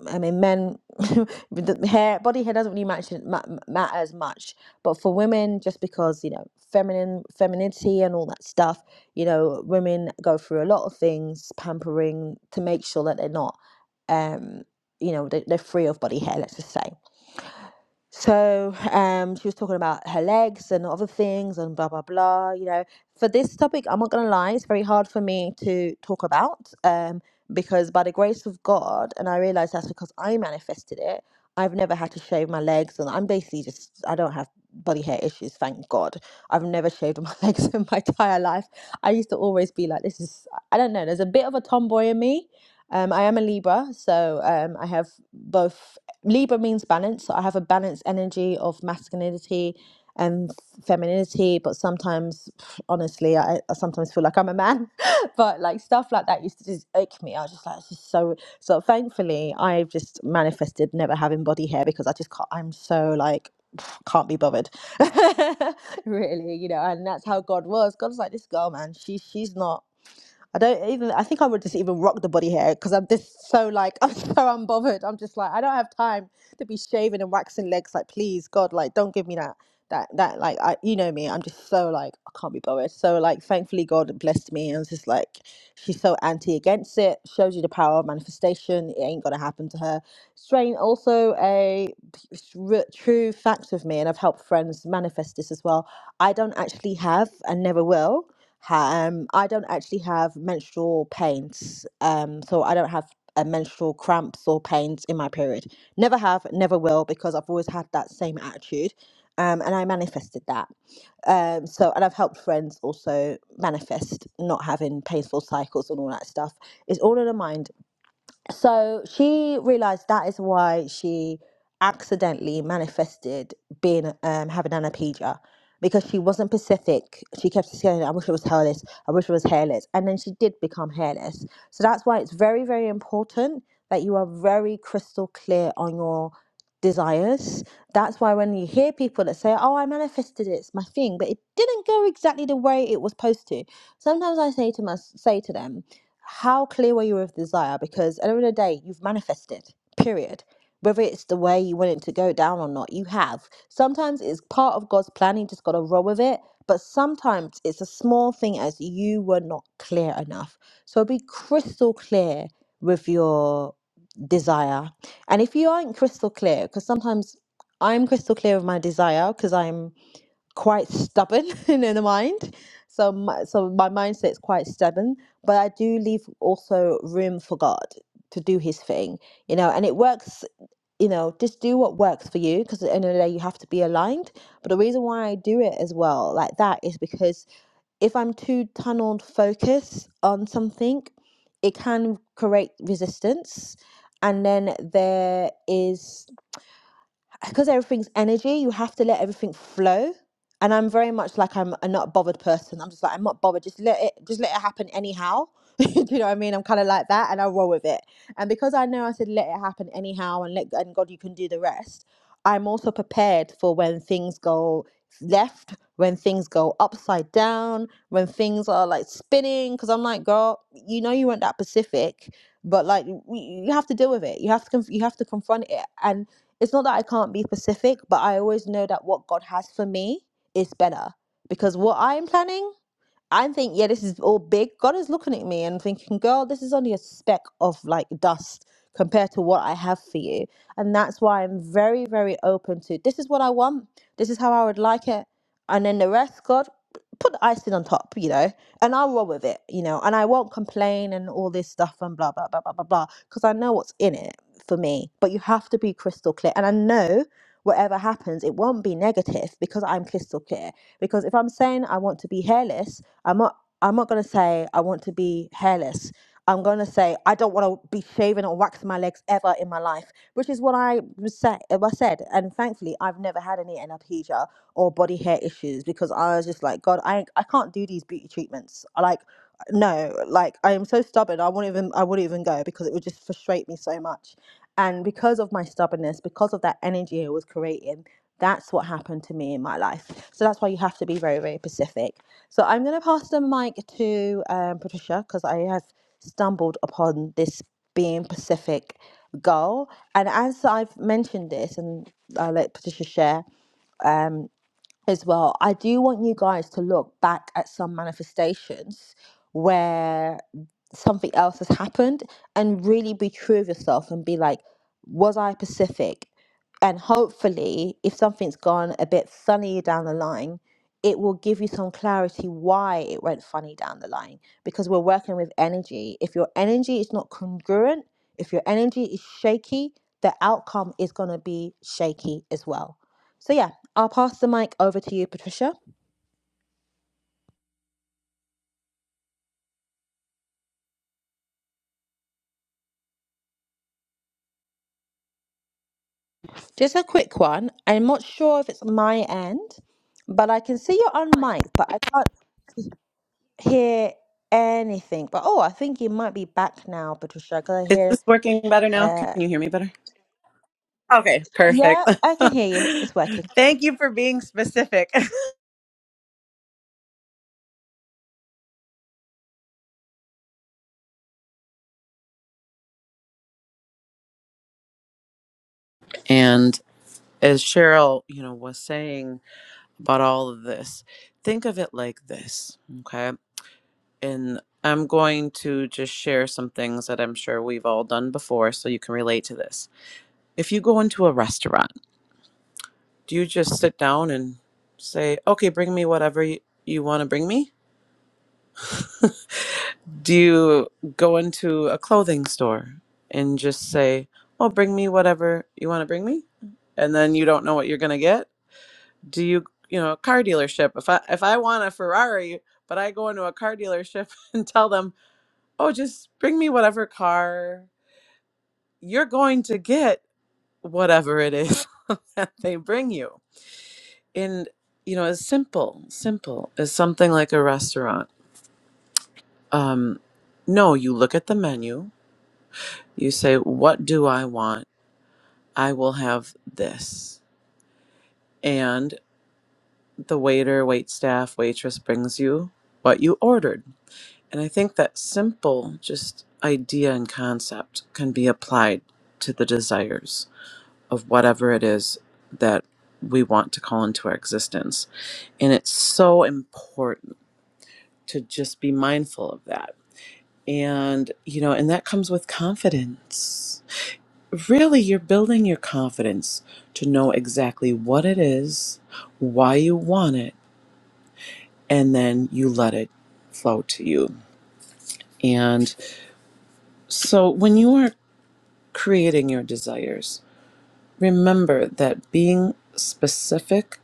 Speaker 1: I mean, men, the hair, body hair doesn't really matter, ma- matter as much. But for women, just because, you know, feminine, femininity and all that stuff, you know, women go through a lot of things, pampering to make sure that they're not, um, you know, they- they're free of body hair, let's just say. So um, she was talking about her legs and other things and blah blah blah. You know, for this topic, I'm not gonna lie, it's very hard for me to talk about um, because by the grace of God, and I realize that's because I manifested it. I've never had to shave my legs, and I'm basically just I don't have body hair issues, thank God. I've never shaved my legs in my entire life. I used to always be like, this is I don't know. There's a bit of a tomboy in me. Um, I am a Libra, so um, I have both. Libra means balance. So I have a balanced energy of masculinity and femininity, but sometimes, pff, honestly, I, I sometimes feel like I'm a man. but like stuff like that used to just ache me. I was just like, this is so. So thankfully, I've just manifested never having body hair because I just can't. I'm so like. pff, Can't be bothered, really, you know, and that's how God was. God's like this girl, man. She, she's not. I don't even. I think I would just even rock the body hair because I'm just so like I'm so unbothered. I'm just like I don't have time to be shaving and waxing legs. Like please, God, like don't give me that that that like I you know me. I'm just so like I can't be bothered. So like thankfully God blessed me and was just like she's so anti against it. Shows you the power of manifestation. It ain't gonna happen to her. Strain also a p- r- true fact with me, and I've helped friends manifest this as well. I don't actually have and never will. Ha- Um, I don't actually have menstrual pains, um, so I don't have uh, menstrual cramps or pains in my period. Never have, never will, because I've always had that same attitude, um, and I manifested that. Um, so, and I've helped friends also manifest not having painful cycles and all that stuff. It's all in the mind so she realized that is why she accidentally manifested being um, having alopecia because she wasn't Pacific. She kept saying, "I wish it was hairless. I wish it was hairless," and then she did become hairless. So that's why it's very, very important that you are very crystal clear on your desires. That's why when you hear people that say, "Oh, I manifested it. It's my thing," but it didn't go exactly the way it was supposed to. Sometimes I say to my, say to them, how clear were you with desire? Because at the end of the day, you've manifested, period. Whether it's the way you want it to go down or not, you have. Sometimes it's part of God's plan, you just got to roll with it. But sometimes it's a small thing as you were not clear enough. So be crystal clear with your desire. And if you aren't crystal clear, because sometimes I'm crystal clear with my desire because I'm quite stubborn in, the mind. So my, so my mindset's quite stubborn, but I do leave also room for God to do his thing, you know, and it works, you know, just do what works for you because at the end of the day you have to be aligned. But the reason why I do it as well like that is because if I'm too tunneled focused on something, it can create resistance. And then there is because everything's energy, you have to let everything flow. And I'm very much like I'm a not bothered person. I'm just like I'm not bothered. Just let it, just let it happen anyhow. Do you know what I mean? I'm kind of like that, and I roll with it. And because I know I said let it happen anyhow, and let and God, you can do the rest. I'm also prepared for when things go left, when things go upside down, when things are like spinning. Because I'm like, girl, you know you weren't that Pacific, but like you you have to deal with it. You have to conf- you have to confront it. And it's not that I can't be specific, but I always know that what God has for me is better because what I'm planning I think, yeah, this is all big. God is looking at me and thinking, girl, this is only a speck of like dust compared to what I have for you. And that's why I'm very, very open to this is what I want. This is how I would like it. And then the rest, God, p- put the icing on top, you know, and I'll roll with it, you know, and I won't complain and all this stuff and blah, blah, blah, blah, blah, blah, because I know what's in it for me. But you have to be crystal clear. And I know whatever happens, it won't be negative because I'm crystal clear. Because if I'm saying I want to be hairless, I'm not I'm not gonna say I want to be hairless. I'm gonna say I don't want to be shaving or waxing my legs ever in my life, which is what I was say, I said. And thankfully, I've never had any alopecia or body hair issues because I was just like, God, I I can't do these beauty treatments. I Like, no, like I am so stubborn. I won't even I wouldn't even go because it would just frustrate me so much. And because of my stubbornness, because of that energy it was creating, that's what happened to me in my life. So that's why you have to be very very specific. So I'm gonna pass the mic to um, Patricia because I have stumbled upon this being Pacific goal and as I've mentioned this and I'll let Patricia share Um as well. I do want you guys to look back at some manifestations where something else has happened and really be true of yourself and be like, was I Pacific? And hopefully, if something's gone a bit funny down the line, it will give you some clarity why it went funny down the line because we're working with energy. If your energy is not congruent, if your energy is shaky, the outcome is going to be shaky as well. So, yeah, I'll pass the mic over to you, Patricia. Just a quick one. I'm not sure if it's my end, but I can see you're on mic, but I can't hear anything. But oh, I think you might be back now, Patricia, because I
Speaker 2: Is
Speaker 1: hear.
Speaker 2: this working better now? Can
Speaker 1: Uh,
Speaker 2: you hear me better? Okay,
Speaker 1: yeah,
Speaker 2: perfect.
Speaker 1: I can hear you. It's working.
Speaker 2: Thank you for being specific. And as Cheryl, you know, was saying. about all of this. Think of it like this, okay? And I'm going to just share some things that I'm sure we've all done before so you can relate to this. If you go into a restaurant, do you just sit down and say, okay, bring me whatever you, you want to bring me? Do you go into a clothing store and just say, oh, bring me whatever you want to bring me? And then you don't know what you're going to get? do you you know a car dealership if i if i want a ferrari but i go into a car dealership and tell them oh just bring me whatever car you're going to get whatever it is that they bring you and you know as simple simple as something like a restaurant um no you look at the menu you say what do i want i will have this and the waiter wait staff waitress brings you what you ordered And I think that simple, just idea and concept can be applied to the desires of whatever it is that we want to call into our existence. And it's so important to just be mindful of that. And, you know, and that comes with confidence. Really, you're building your confidence to know exactly what it is, why you want it, and then you let it flow to you. And so when you are creating your desires. Remember that being specific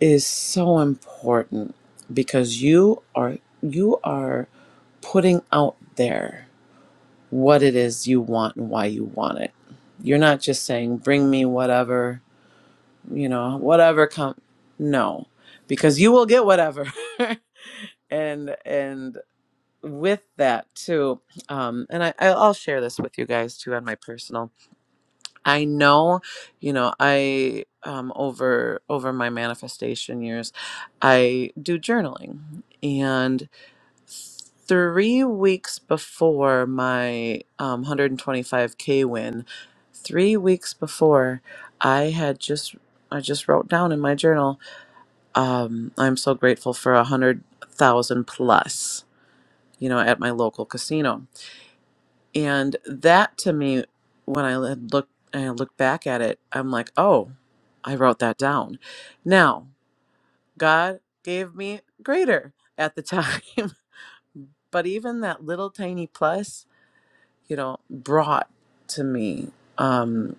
Speaker 2: is so important because you are you are putting out there what it is you want and why you want it. You're not just saying bring me whatever, you know, whatever come no, because you will get whatever. and and with that too um and I, i'll I'll share this with you guys too on my personal I know, you know, I um, over over my manifestation years, I do journaling, and three weeks before my um, 125k win, three weeks before, I had just I just wrote down in my journal, um, I'm so grateful for a hundred thousand plus, you know, at my local casino and that to me, when I had looked and I look back at it, I'm like, oh, I wrote that down. Now, God gave me greater at the time, but even that little tiny plus, you know, brought to me um,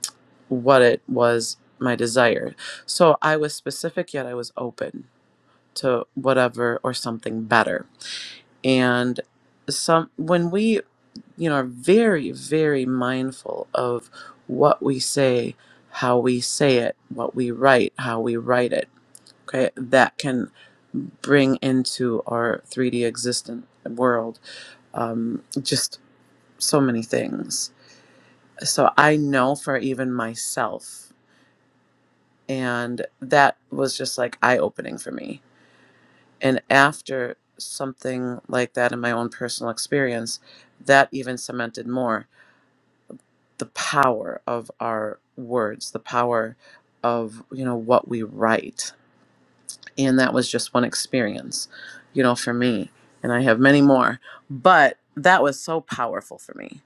Speaker 2: what it was my desire. So I was specific, yet I was open to whatever or something better. And some when we you know, are very, very mindful of what we say, how we say it, what we write, how we write it. Okay, that can bring into our 3D existent world um, just so many things. So I know for even myself, and that was just like eye opening for me. And after something like that in my own personal experience, that even cemented more. the power of our words, the power of you know what we write. And that was just one experience, you know, for me. And I have many more, but that was so powerful for me.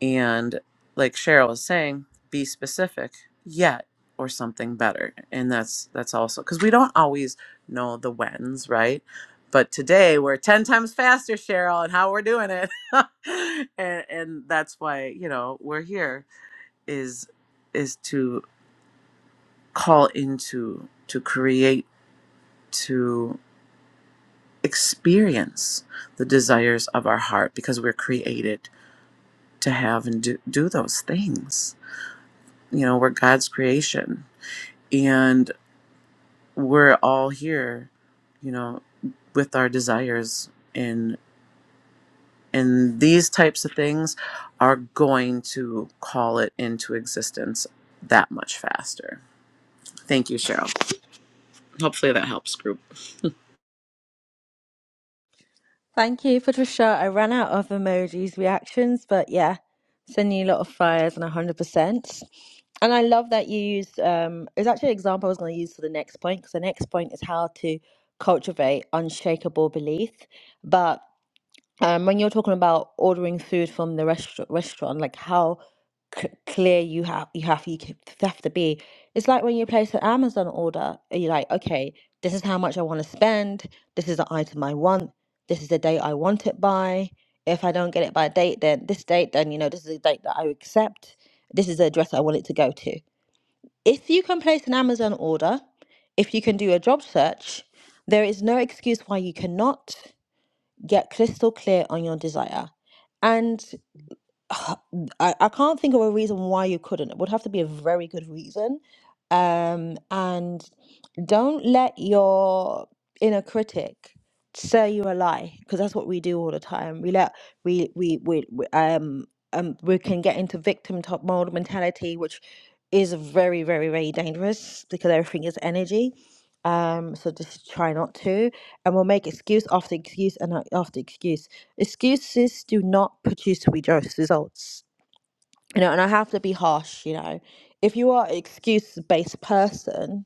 Speaker 2: And like Cheryl was saying, be specific yet or something better. And that's that's also cuz we don't always know the whens, right? But today we're 10 times faster, Cheryl, and how we're doing it. and and that's why, you know, we're here is is to call into to create to experience the desires of our heart because we're created to have and do, do those things you know we're god's creation and we're all here you know with our desires and and these types of things are going to call it into existence that much faster thank you cheryl hopefully that helps group
Speaker 1: Thank you, Patricia. I ran out of emojis reactions, but yeah, sending you a lot of fires and 100%. And I love that you used, um, it was actually an example I was going to use for the next point, because the next point is how to cultivate unshakable belief. But um, when you're talking about ordering food from the restaurant, restaurant, like how c- clear you have you have you c- have to be. It's like when you place an Amazon order, and you're like, okay, this is how much I want to spend. This is the item I want. This is the date I want it by. If I don't get it by date, then this date, then you know this is the date that I accept. This is the address I want it to go to. If you can place an Amazon order, if you can do a job search, there is no excuse why you cannot. Get crystal clear on your desire. And uh, I, I can't think of a reason why you couldn't. It would have to be a very good reason. Um, and don't let your inner critic say you a lie because that's what we do all the time. We let we we we, we um um we can get into victim top mode mentality, which is very very very dangerous because everything is energy um, so just try not to, and we'll make excuse after excuse and uh, after excuse. Excuses do not produce rejo- results, you know. And I have to be harsh, you know. If you are an excuse-based person,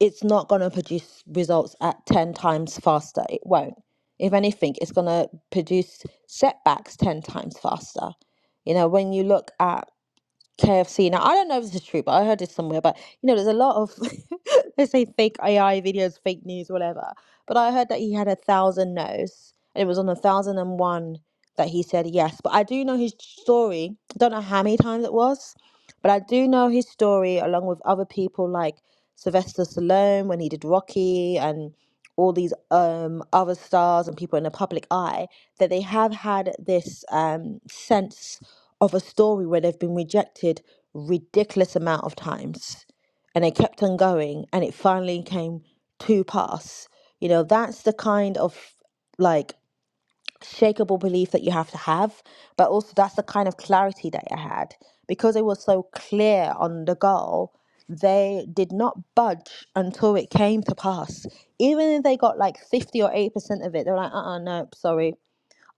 Speaker 1: it's not going to produce results at ten times faster. It won't. If anything, it's going to produce setbacks ten times faster. You know, when you look at KFC. Now, I don't know if this is true, but I heard it somewhere. But you know, there's a lot of they say fake AI videos, fake news, whatever. But I heard that he had a thousand no's, and it was on a thousand and one that he said yes. But I do know his story. I don't know how many times it was, but I do know his story along with other people like Sylvester Stallone when he did Rocky and all these um other stars and people in the public eye that they have had this um sense of a story where they've been rejected ridiculous amount of times and they kept on going and it finally came to pass you know that's the kind of like shakable belief that you have to have, but also that's the kind of clarity that I had because it was so clear on the goal. They did not budge until it came to pass. Even if they got like 50 or 80% of it, they were like, uh uh no, sorry,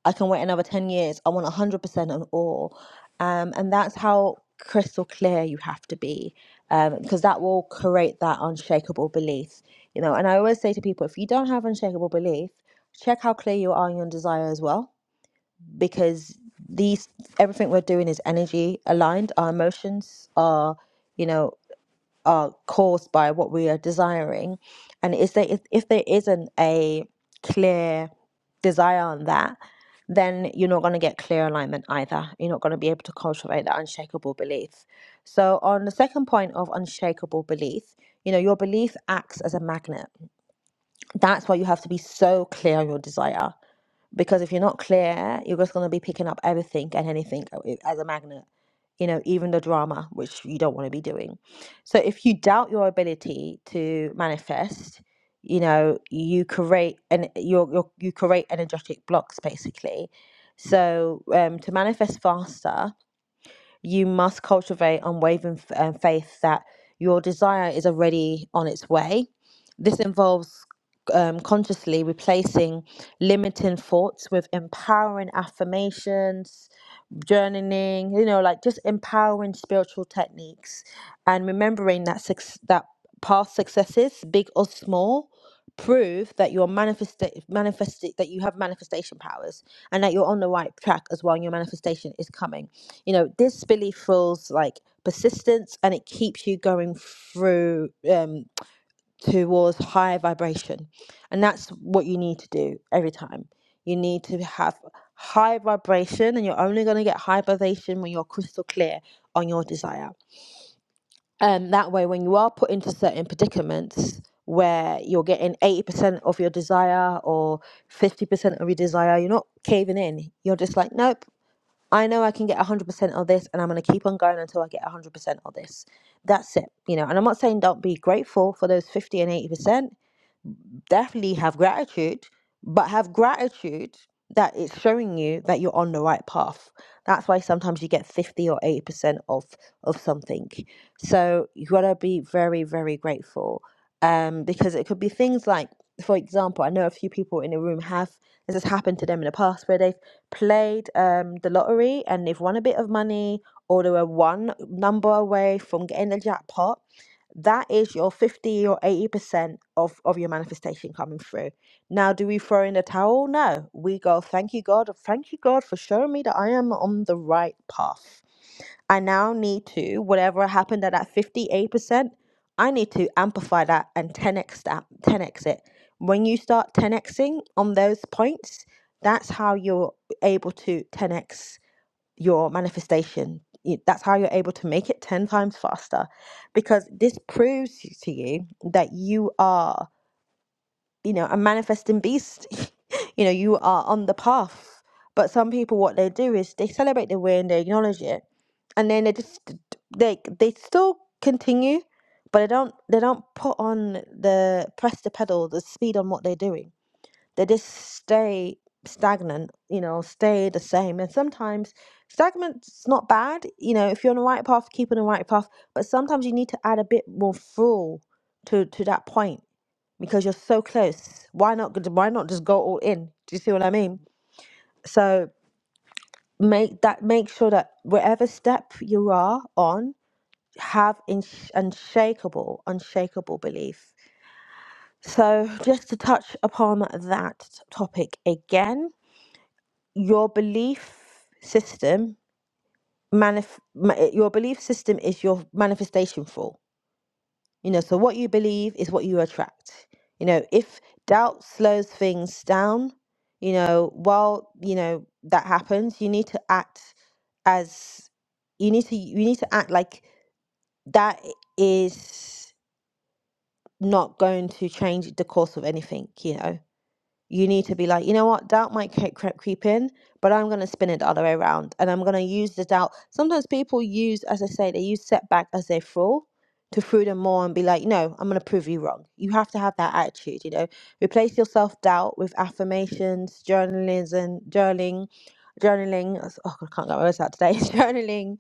Speaker 1: I can wait another 10 years. I want 100% on all. Um, and that's how crystal clear you have to be um, because that will create that unshakable belief. You know, and I always say to people if you don't have unshakable belief, check how clear you are on your desire as well because these everything we're doing is energy aligned our emotions are you know are caused by what we are desiring and is there if, if there isn't a clear desire on that then you're not going to get clear alignment either you're not going to be able to cultivate that unshakable belief so on the second point of unshakable belief you know your belief acts as a magnet that's why you have to be so clear on your desire because if you're not clear, you're just going to be picking up everything and anything uh, as a magnet, you know, even the drama, which you don't want to be doing. So if you doubt your ability to manifest, you know, you create and you you you create energetic blocks basically. So um, to manifest faster, you must cultivate unwavering f- um, faith that your desire is already on its way. This involves um, consciously replacing limiting thoughts with empowering affirmations, journaling, you know, like just empowering spiritual techniques and remembering that suc that past successes, big or small, prove that you're manifest manifesting that you have manifestation powers and that you're on the right track as well and your manifestation is coming you know, this belief feels like persistence and it keeps you going through um, towards higher vibration. And that's what you need to do every time. You need to have high vibration, and you're only going to get high vibration when you're crystal clear on your desire. And that way, when you are put into certain predicaments where you're getting 80% of your desire or 50% of your desire, you're not caving in. You're just like, nope, I know I can get 100% of this, and I'm going to keep on going until I get 100% of this. That's it, you know. And I'm not saying don't be grateful for those 50 and 80% definitely have gratitude, but have gratitude that it's showing you that you're on the right path. That's why sometimes you get 50 or 80% of of something. So you gotta be very, very grateful. Um, because it could be things like, for example, I know a few people in the room have this has happened to them in the past where they've played um the lottery and they've won a bit of money or they were one number away from getting the jackpot that is your 50 or 80% of, of your manifestation coming through. Now, do we throw in the towel? No. We go, thank you, God. Thank you, God, for showing me that I am on the right path. I now need to, whatever happened at that 58%, I need to amplify that and 10x that, 10x it. When you start 10xing on those points, that's how you're able to 10x your manifestation. Y- That's how you're able to make it 10 times faster because this proves y- to you that you are, you know, a manifesting beast. you know, you are on the path. But some people, what they do is they celebrate the win, they acknowledge it, and then they just d- d- they they still continue, but they don't they don't put on the press the pedal, the speed on what they're doing they just stay stagnant, you know, stay the same. And sometimes stagnant's not bad, you know, if you're on the right path, keep on the right path. But sometimes you need to add a bit more fuel to to that point because you're so close. Why not? Why not just go all in? Do you see what I mean? So make that make sure that whatever step you are on have in, unshakable unshakable belief so just to touch upon that topic again your belief system manif- ma- uh, your belief system is your manifestation for you know so what you believe is what you attract you know if doubt slows things down you know while you know that happens you need to act as you need to you need to act like that is not going to change the course of anything you know you need to be like, you know what, doubt might creep, creep, creep in, but I'm going to spin it the other way around. And I'm going to use the doubt. Sometimes people use, as I say, they use setback as their fool to fool them more and be like, no, I'm going to prove you wrong. You have to have that attitude, you know. Replace your self doubt with affirmations, journalism, journaling, journaling. Oh, God, I can't get my words out today. journaling,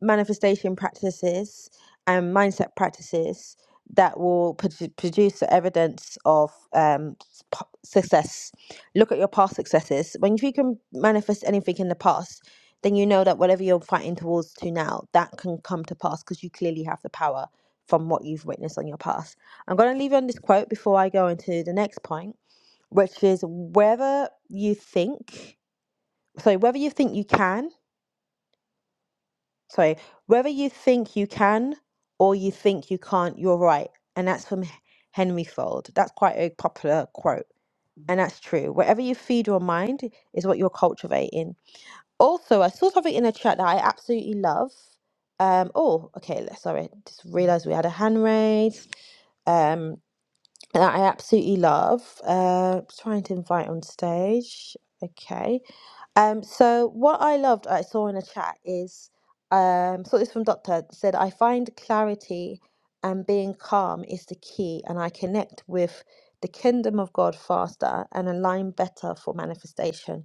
Speaker 1: manifestation practices, and mindset practices that will produ- produce the evidence of um, s- p- success. Look at your past successes. When if you can manifest anything in the past, then you know that whatever you're fighting towards to now, that can come to pass because you clearly have the power from what you've witnessed on your past. I'm going to leave you on this quote before I go into the next point, which is whether you think, so whether you think you can sorry, whether you think you can or you think you can't, you're right. And that's from H- Henry Fold. That's quite a popular quote. And that's true. Whatever you feed your mind is what you're cultivating. Also, I saw something in the chat that I absolutely love. Um, oh, okay, let's- sorry, just realized we had a hand raise. Um, that I absolutely love. Uh, trying to invite on stage. Okay. Um, so what I loved I saw in a chat is um saw this from Doctor said I find clarity and being calm is the key and I connect with the kingdom of God faster and align better for manifestation.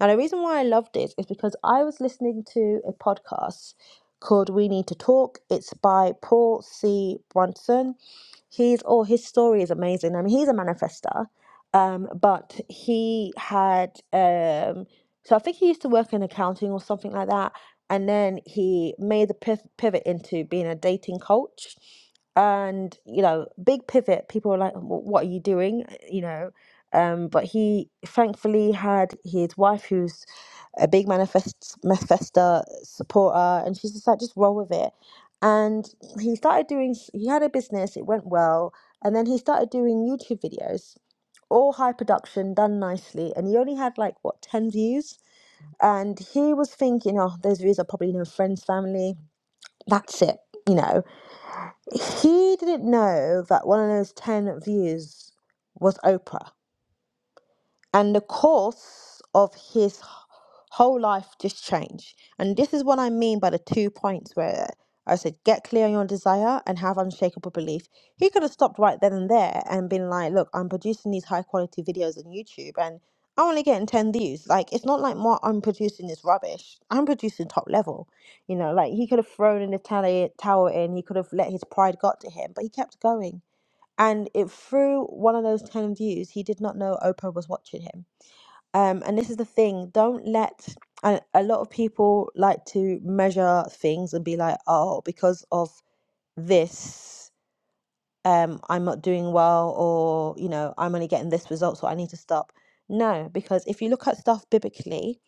Speaker 1: Now, the reason why I loved it is because I was listening to a podcast called We Need to Talk. It's by Paul C. Brunson. He's oh, his story is amazing. I mean, he's a manifestor, um, but he had um, so I think he used to work in accounting or something like that, and then he made the pivot into being a dating coach. And you know, big pivot. People are like, "What are you doing?" You know, um, but he thankfully had his wife, who's a big manifest manifesta supporter, and she's just like, just roll with it. And he started doing. He had a business. It went well, and then he started doing YouTube videos, all high production, done nicely. And he only had like what ten views, and he was thinking, oh, those views are probably no friends, family. That's it, you know. He didn't know that one of those ten views was Oprah and the course of his h- whole life just changed. And this is what I mean by the two points where I said, get clear on your desire and have unshakable belief. He could have stopped right then and there and been like, look, I'm producing these high quality videos on YouTube and I'm only getting 10 views. Like, it's not like what I'm producing is rubbish. I'm producing top level. You know, like he could have thrown in the tally- towel in, he could have let his pride got to him, but he kept going. And it through one of those 10 views, he did not know Oprah was watching him um, and this is the thing don't let and a lot of people like to measure things and be like oh because of this um, i'm not doing well or you know i'm only getting this result so i need to stop no because if you look at stuff biblically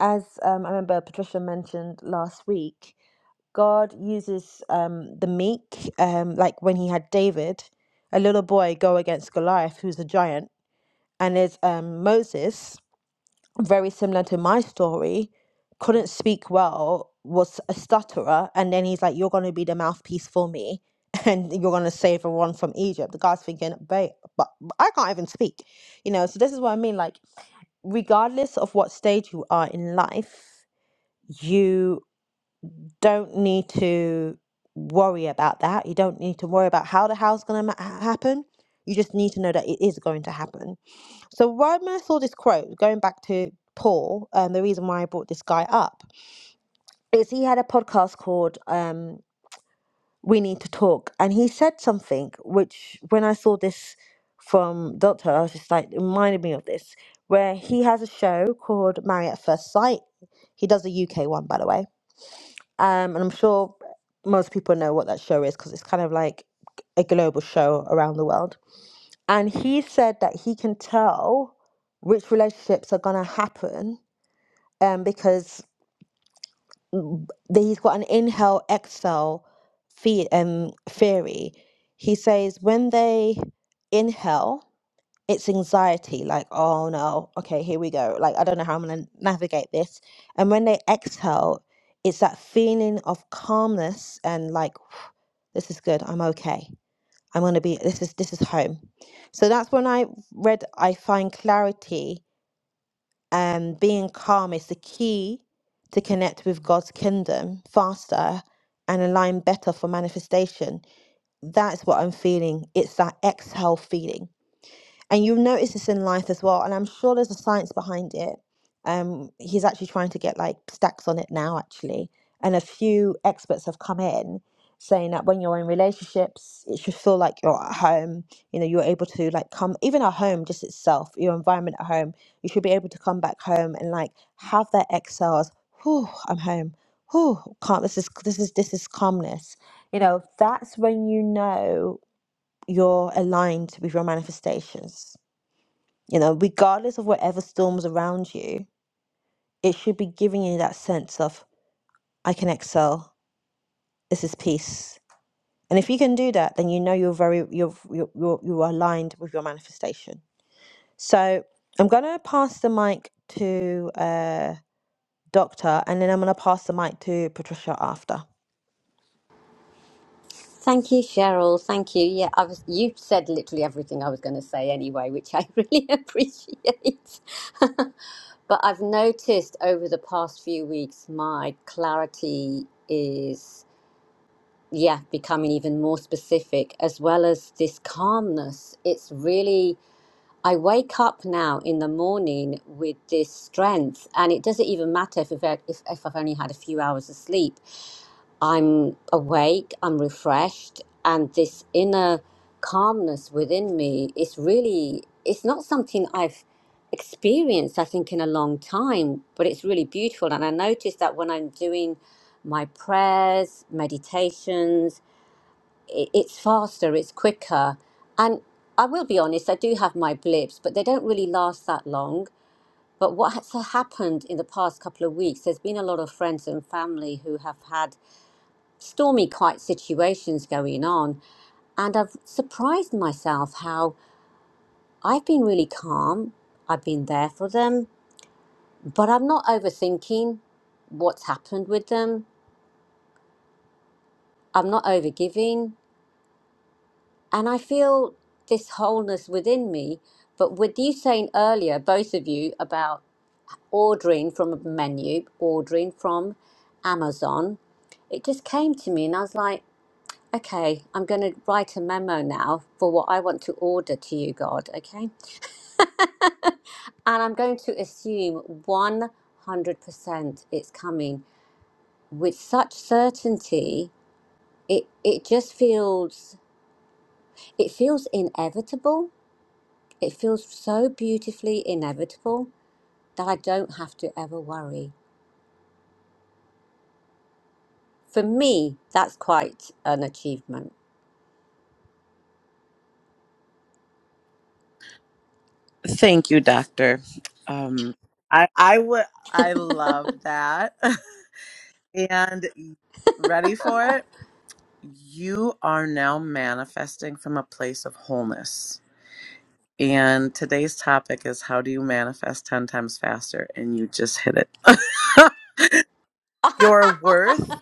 Speaker 1: as um, i remember patricia mentioned last week god uses um, the meek um, like when he had david a little boy go against goliath who's a giant and there's um, moses very similar to my story, couldn't speak well, was a stutterer, and then he's like, "You're going to be the mouthpiece for me, and you're going to save everyone from Egypt." The guy's thinking, "Babe, but but I can't even speak," you know. So this is what I mean. Like, regardless of what stage you are in life, you don't need to worry about that. You don't need to worry about how the hell's going to ma- ha- happen. You just need to know that it is going to happen so why when I saw this quote, going back to Paul, um, the reason why I brought this guy up is he had a podcast called um, "We Need to Talk," and he said something which, when I saw this from Doctor, I was just like it reminded me of this, where he has a show called "Marry at First Sight." He does a UK one, by the way, um, and I'm sure most people know what that show is because it's kind of like a global show around the world and he said that he can tell which relationships are going to happen um, because mm, that he's got an inhale exhale the- um, theory. He says when they inhale, it's anxiety, like, oh no, okay, here we go. Like, I don't know how I'm going to navigate this. And when they exhale, it's that feeling of calmness and like, this is good, I'm okay. I'm going to be this is this is home. So that's when I read I find clarity and being calm is the key to connect with God's kingdom faster and align better for manifestation. That's what I'm feeling. It's that exhale feeling and you'll notice this in life as well and i'm sure there's a science behind it um he's actually trying to get like stacks on it now actually and a few experts have come in saying that when you're in relationships it should feel like you're at home you know you're able to like come even at home just itself your environment at home you should be able to come back home and like have that exhales whew i'm home whew can't this is this is this is calmness you know that's when you know you're aligned with your manifestations you know, regardless of whatever storms around you, it should be giving you that sense of I can excel. This is peace. And if you can do that, then you know you're very you're you're you're, you're aligned with your manifestation. So I'm gonna pass the mic to uh, Doctor, and then I'm gonna pass the mic to Patricia after.
Speaker 3: Thank you, Cheryl. Thank you. Yeah, I was. You said literally everything I was going to say anyway, which I really appreciate. but I've noticed over the past few weeks, my clarity is yeah becoming even more specific, as well as this calmness. It's really. I wake up now in the morning with this strength, and it doesn't even matter if I've, if, if I've only had a few hours of sleep I'm awake, I'm refreshed, and this inner calmness within me is really, it's not something I've experienced, I think, in a long time, but it's really beautiful. And I notice that when I'm doing my prayers, meditations, i it's faster, it's quicker. And I will be honest, I do have my blips, but they don't really last that long. But what has happened in the past couple of weeks, there's been a lot of friends and family who have had stormy quite situations going on and I've surprised myself how I've been really calm. I've been there for them, but I'm not overthinking what's happened with them. I'm not overgiving. And I feel this wholeness within me. But with you saying earlier, both of you, about ordering from a menu, ordering from Amazon, it just came to me and I was like, Okay, I'm going to write a memo now for what I want to order to you, God, okay? and I'm going to assume 100% it's coming with such certainty. It it just feels it feels inevitable. It feels so beautifully inevitable that I don't have to ever worry. For me, that's quite an achievement.
Speaker 2: Thank you, doctor. Um, I I would I love that. and ready for it? You are now manifesting from a place of wholeness. And today's topic is how do you manifest 10 times faster? And you just hit it. Your worth.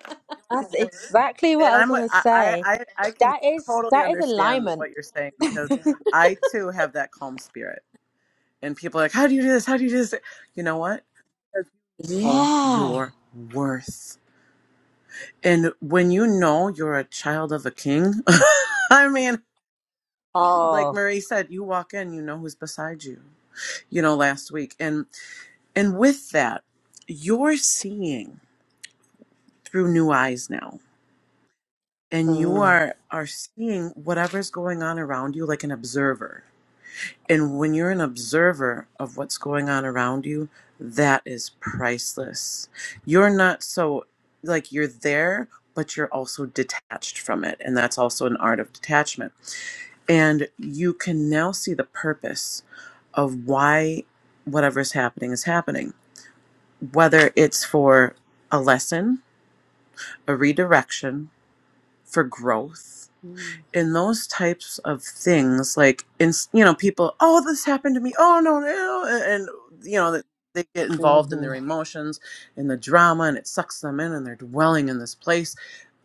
Speaker 1: That's
Speaker 2: because-
Speaker 1: exactly what
Speaker 2: And
Speaker 1: I was
Speaker 2: I'm I,
Speaker 1: gonna
Speaker 2: I
Speaker 1: say.
Speaker 2: I I can
Speaker 1: That is
Speaker 2: totally
Speaker 1: that is
Speaker 2: understand
Speaker 1: alignment.
Speaker 2: what you're saying because I too have that calm spirit. And people are like, how do you do this? How do you do this? You know what? know
Speaker 3: Yeah.
Speaker 2: your worth. And when you know you're a child of a king, I mean, like
Speaker 3: Oh,
Speaker 2: Marie said, you walk in, you know who's beside you. You know, last week. And and with that, you're seeing through new eyes now. And you
Speaker 3: mm,
Speaker 2: are are seeing whatever's going on around you like an observer. And when you're an observer of what's going on around you, that is priceless. You're not so, like, you're there, but you're also detached from it. And that's also an art of detachment. And you can now see the purpose of why whatever's happening is happening, whether it's for a lesson, a redirection, for growth.
Speaker 3: Mm.
Speaker 2: in those types of things, like in you know, people, oh, this happened to me. Oh no, no, and you know that they get involved in their
Speaker 3: mhm.
Speaker 2: emotions and the drama, and it sucks them in, and they're dwelling in this place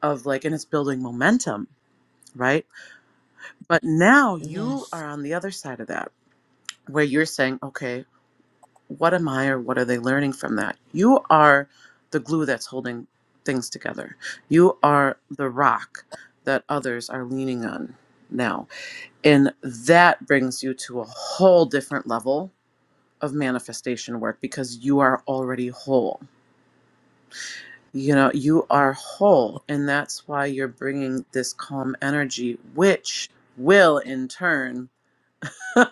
Speaker 2: of like, and it's building momentum, right? But now you
Speaker 3: Yes.
Speaker 2: are on the other side of that, where you're saying, okay, what am I, or what are they learning from that? You are the glue that's holding things together. You are the rock that others are leaning on now and that brings you to a whole different level of manifestation work because you are already whole. You know, you are whole. And that's why you're bringing this calm energy, which will in turn.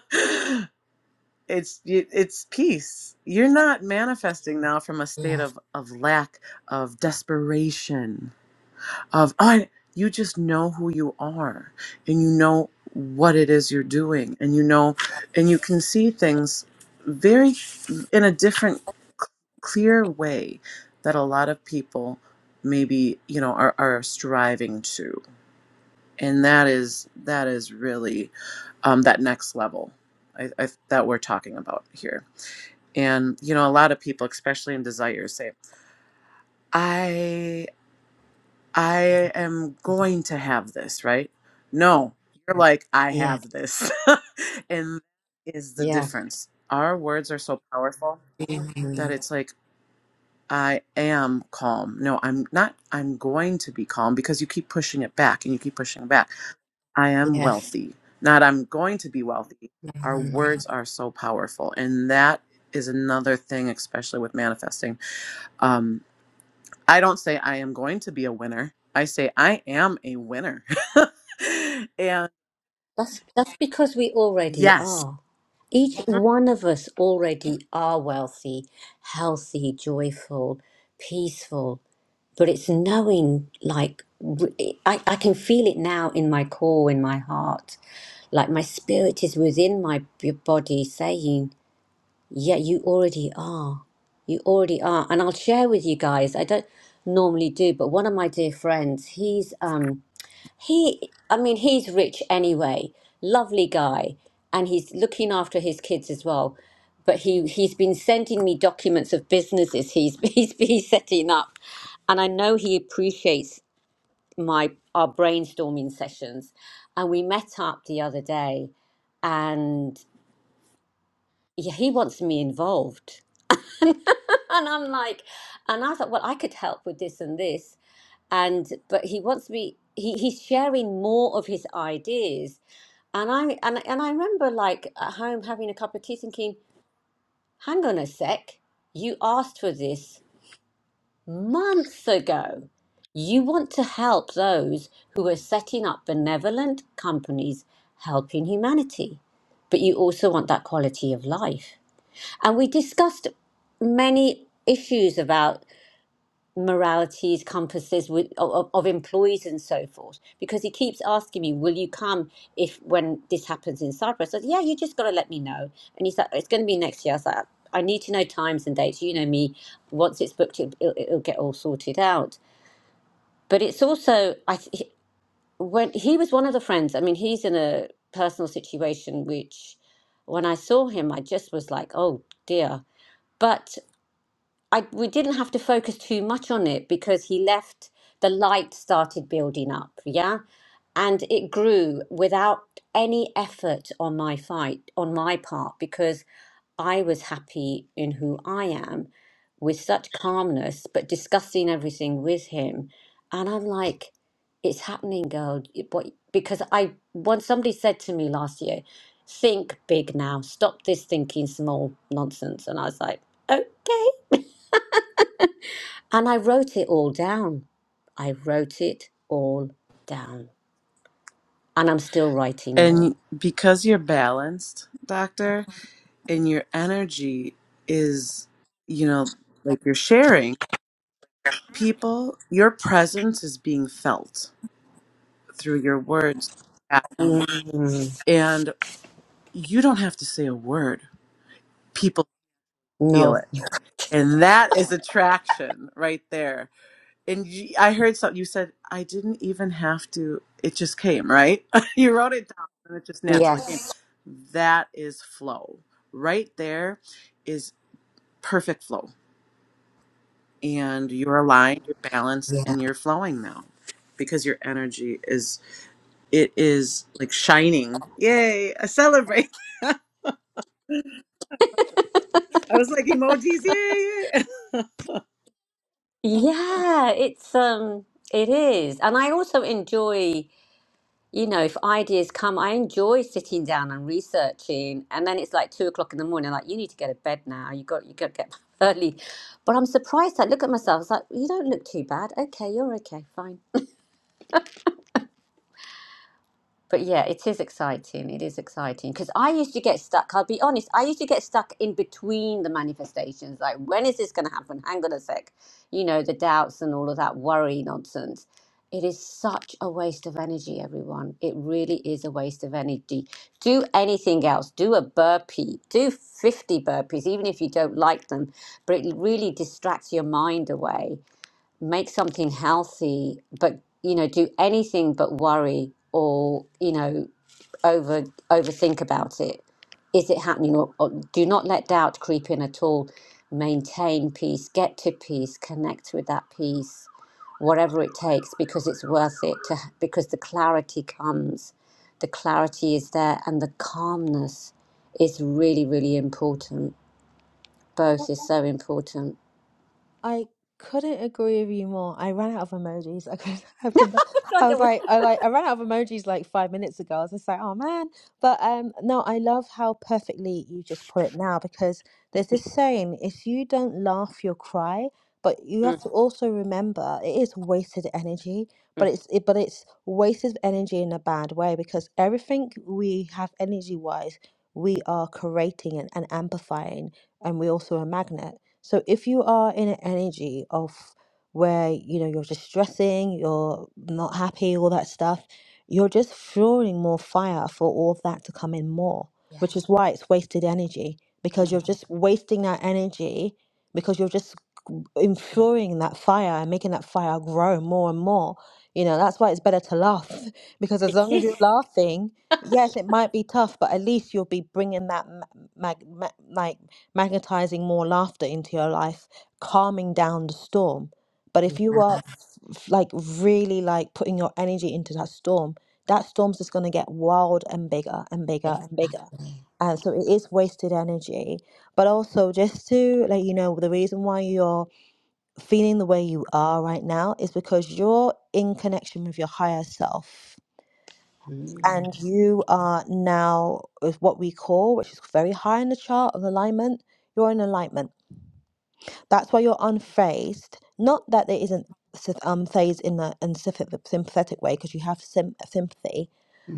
Speaker 2: It's it- it's peace. You're not manifesting now from a
Speaker 3: yeah.
Speaker 2: state of of lack of desperation of "Oh, I you just know who you are and you know what it is you're doing and you know and you can see things very in a different c- clear way that a lot of people maybe you know are, are striving to and that is that is really um, that next level I, I, that we're talking about here and you know a lot of people especially in desire say I am going to have this, right? No, you're like, I
Speaker 3: Yeah.
Speaker 2: have this. and that is the
Speaker 3: Yeah.
Speaker 2: difference. Our words are so powerful
Speaker 3: Mhm.
Speaker 2: that it's like, I am calm. No, I'm not, I'm going to be calm because you keep pushing it back and you keep pushing it back. I am
Speaker 3: Yes.
Speaker 2: wealthy, not I'm going to be wealthy. Our words are so powerful. And that is another thing, especially with manifesting. Um. I don't say I am going to be a winner. I say I am a winner. and
Speaker 3: That's that's because we already
Speaker 2: yes.
Speaker 3: are. Each one of us already are wealthy, healthy, joyful, peaceful. But it's knowing, like, r- I, I can feel it now in my core, in my heart. Like, my spirit is within my b- body saying, Yeah, you already are. You already are. And I'll share with you guys, I don't normally do, but one of my dear friends, he's. um He, I mean, he's rich anyway, lovely guy, and he's looking after his kids as well. But he he's been sending me documents of businesses he's he's been setting up, and I know he appreciates my our brainstorming sessions, and we met up the other day, and yeah, he wants me involved, and I'm like, and I thought, well, I could help with this and this, and but he wants me. He, he's sharing more of his ideas And I and and I remember like at home having a cup of tea thinking, hang on a sec, you asked for this months ago. You want to help those who are setting up benevolent companies helping humanity, but you also want that quality of life. And we discussed many issues about moralities, compasses with, of, of employees and so forth. Because he keeps asking me, "Will you come if when this happens in Cyprus?" I said, "Yeah, you just got to let me know." And he's like, "It's going to be next year." I was like, "I need to know times and dates. You know me. Once it's booked, it, it'll, it'll get all sorted out." But it's also, I th- when he was one of the friends. I mean, he's in a personal situation which, when I saw him, I just was like, "Oh dear." But I we didn't have to focus too much on it because he left the light started building up, yeah? And it grew without any effort on my fight on my part because I was happy in who I am with such calmness, but discussing everything with him. And I'm like, it's happening, girl. It- What because I once somebody said to me last year, think big now. Stop this thinking small nonsense. And I was like, okay. And I wrote it all down. I wrote it all down. And I'm still writing more.
Speaker 2: And because you're balanced, doctor, and your energy is, you know, like you're sharing, people, your presence is being felt through your words.
Speaker 3: Mm.
Speaker 2: And you don't have to say a word, people feel
Speaker 3: No.
Speaker 2: it. And that is attraction right there and you, I heard something you said. I didn't even have to; it just came, right? you wrote it down, and it just naturally came.
Speaker 3: Yes.
Speaker 2: That is flow. Right there is perfect flow, and you're aligned, you're balanced,
Speaker 3: Yeah.
Speaker 2: and you're flowing now because your energy is it is like shining. Yay! I celebrate. I was like emojis. Yay! yay.
Speaker 3: Yeah, it's um it is. And I also enjoy, you know, if ideas come, I enjoy sitting down and researching and then it's like two o'clock in the morning, like you need to go to bed now. You got you gotta get up early. But I'm surprised I look at myself, it's like, you don't look too bad. Okay, you're okay, fine. But yeah, it is exciting. It is exciting because I used to get stuck. I'll be honest, I used to get stuck in between the manifestations. Like, when is this going to happen? Hang on a sec. You know, the doubts and all of that worry nonsense. It is such a waste of energy, everyone. It really is a waste of energy. Do anything else. Do a burpee. Do 50 burpees, even if you don't like them. But it really distracts your mind away make something healthy, but you know, do anything but worry or you know, over overthink about it. Is it happening? Or, or do not let doubt creep in at all. Maintain peace. Get to peace. Connect with that peace, whatever it takes, because it's worth it. To because the clarity comes, the clarity is there, and the calmness is really, really important. Both is so important.
Speaker 1: I couldn't agree with you more. I ran out of emojis. I could, I could,
Speaker 3: It's
Speaker 1: I
Speaker 3: like I
Speaker 1: was
Speaker 3: was-
Speaker 1: like, I like, I ran out of emojis like five minutes ago. I was just like, oh man. But um, no, I love how perfectly you just put it now because there's this saying: if you don't laugh, you'll cry. But you
Speaker 3: Mm,
Speaker 1: have to also remember it is wasted energy.
Speaker 3: mm.
Speaker 1: But it's it, but it's wasted energy in a bad way because everything we have energy wise, we are creating and, and amplifying, and we also a magnet. So if you are in an energy of where you know you're just stressing, you're not happy, all that stuff, you're just throwing more fire for all of that to come in more, which
Speaker 3: Yes.
Speaker 1: is why it's wasted energy because you're just wasting that energy because you're just enfuring that fire and making that fire grow more and more. You know, that's why it's better to laugh because as
Speaker 3: It
Speaker 1: long as
Speaker 3: is.
Speaker 1: you're laughing, yes, it might be tough, but at least you'll be bringing that mag, mag, ma- like magnetizing more laughter into your life, calming down the storm. But if you are f- like really like putting your energy into that storm, that storm's just going to get wild and bigger and bigger and bigger.
Speaker 3: Exactly.
Speaker 1: And so it is wasted energy. But also, just to let you know, the reason why you're feeling the way you are right now is because you're in connection with your higher self and
Speaker 3: Mm-hmm.
Speaker 1: you are now with what we call which is very high in the chart of alignment you're in alignment that's why you're unfazed not that there isn't sympath- um phase in the in sympath- sympathetic way because you have sym- sympathy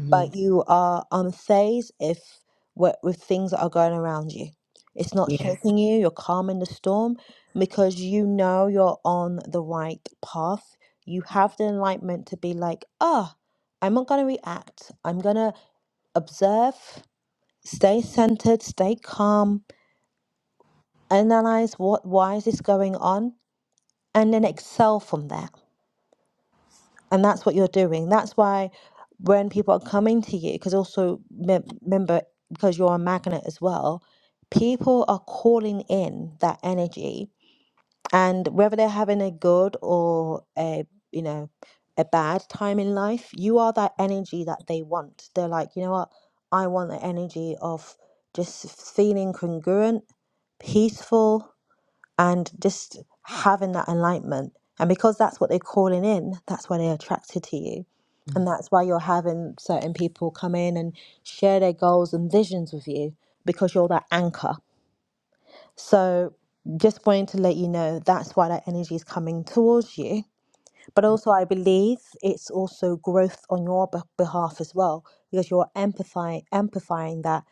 Speaker 1: but you are unfazed if what with things that are going around you. It's not
Speaker 3: Yes.
Speaker 1: shaking you, you're calm in the storm because you know you're on the right path. You have the enlightenment to be like, ah, I'm not gonna react. I'm gonna observe, stay centered, stay calm, analyze what why is this going on, and then excel from there And that's what you're doing. That's why when people are coming to you, because also me- remember, because you're a magnet as well, people are calling in that energy. And whether they're having a good or a, you know, a bad time in life, you are that energy that they want. They're like, you know what? I want the energy of just feeling congruent, peaceful, and just having that alignment. And because that's what they're calling in, that's why they're attracted to you. And that's why you're having certain people come in and share their goals and visions with you because you're that anchor. So, just wanting to let you know that's why that energy is coming towards you. But also, I believe it's also growth on your beh- behalf as well because you're empathizing, amplifying that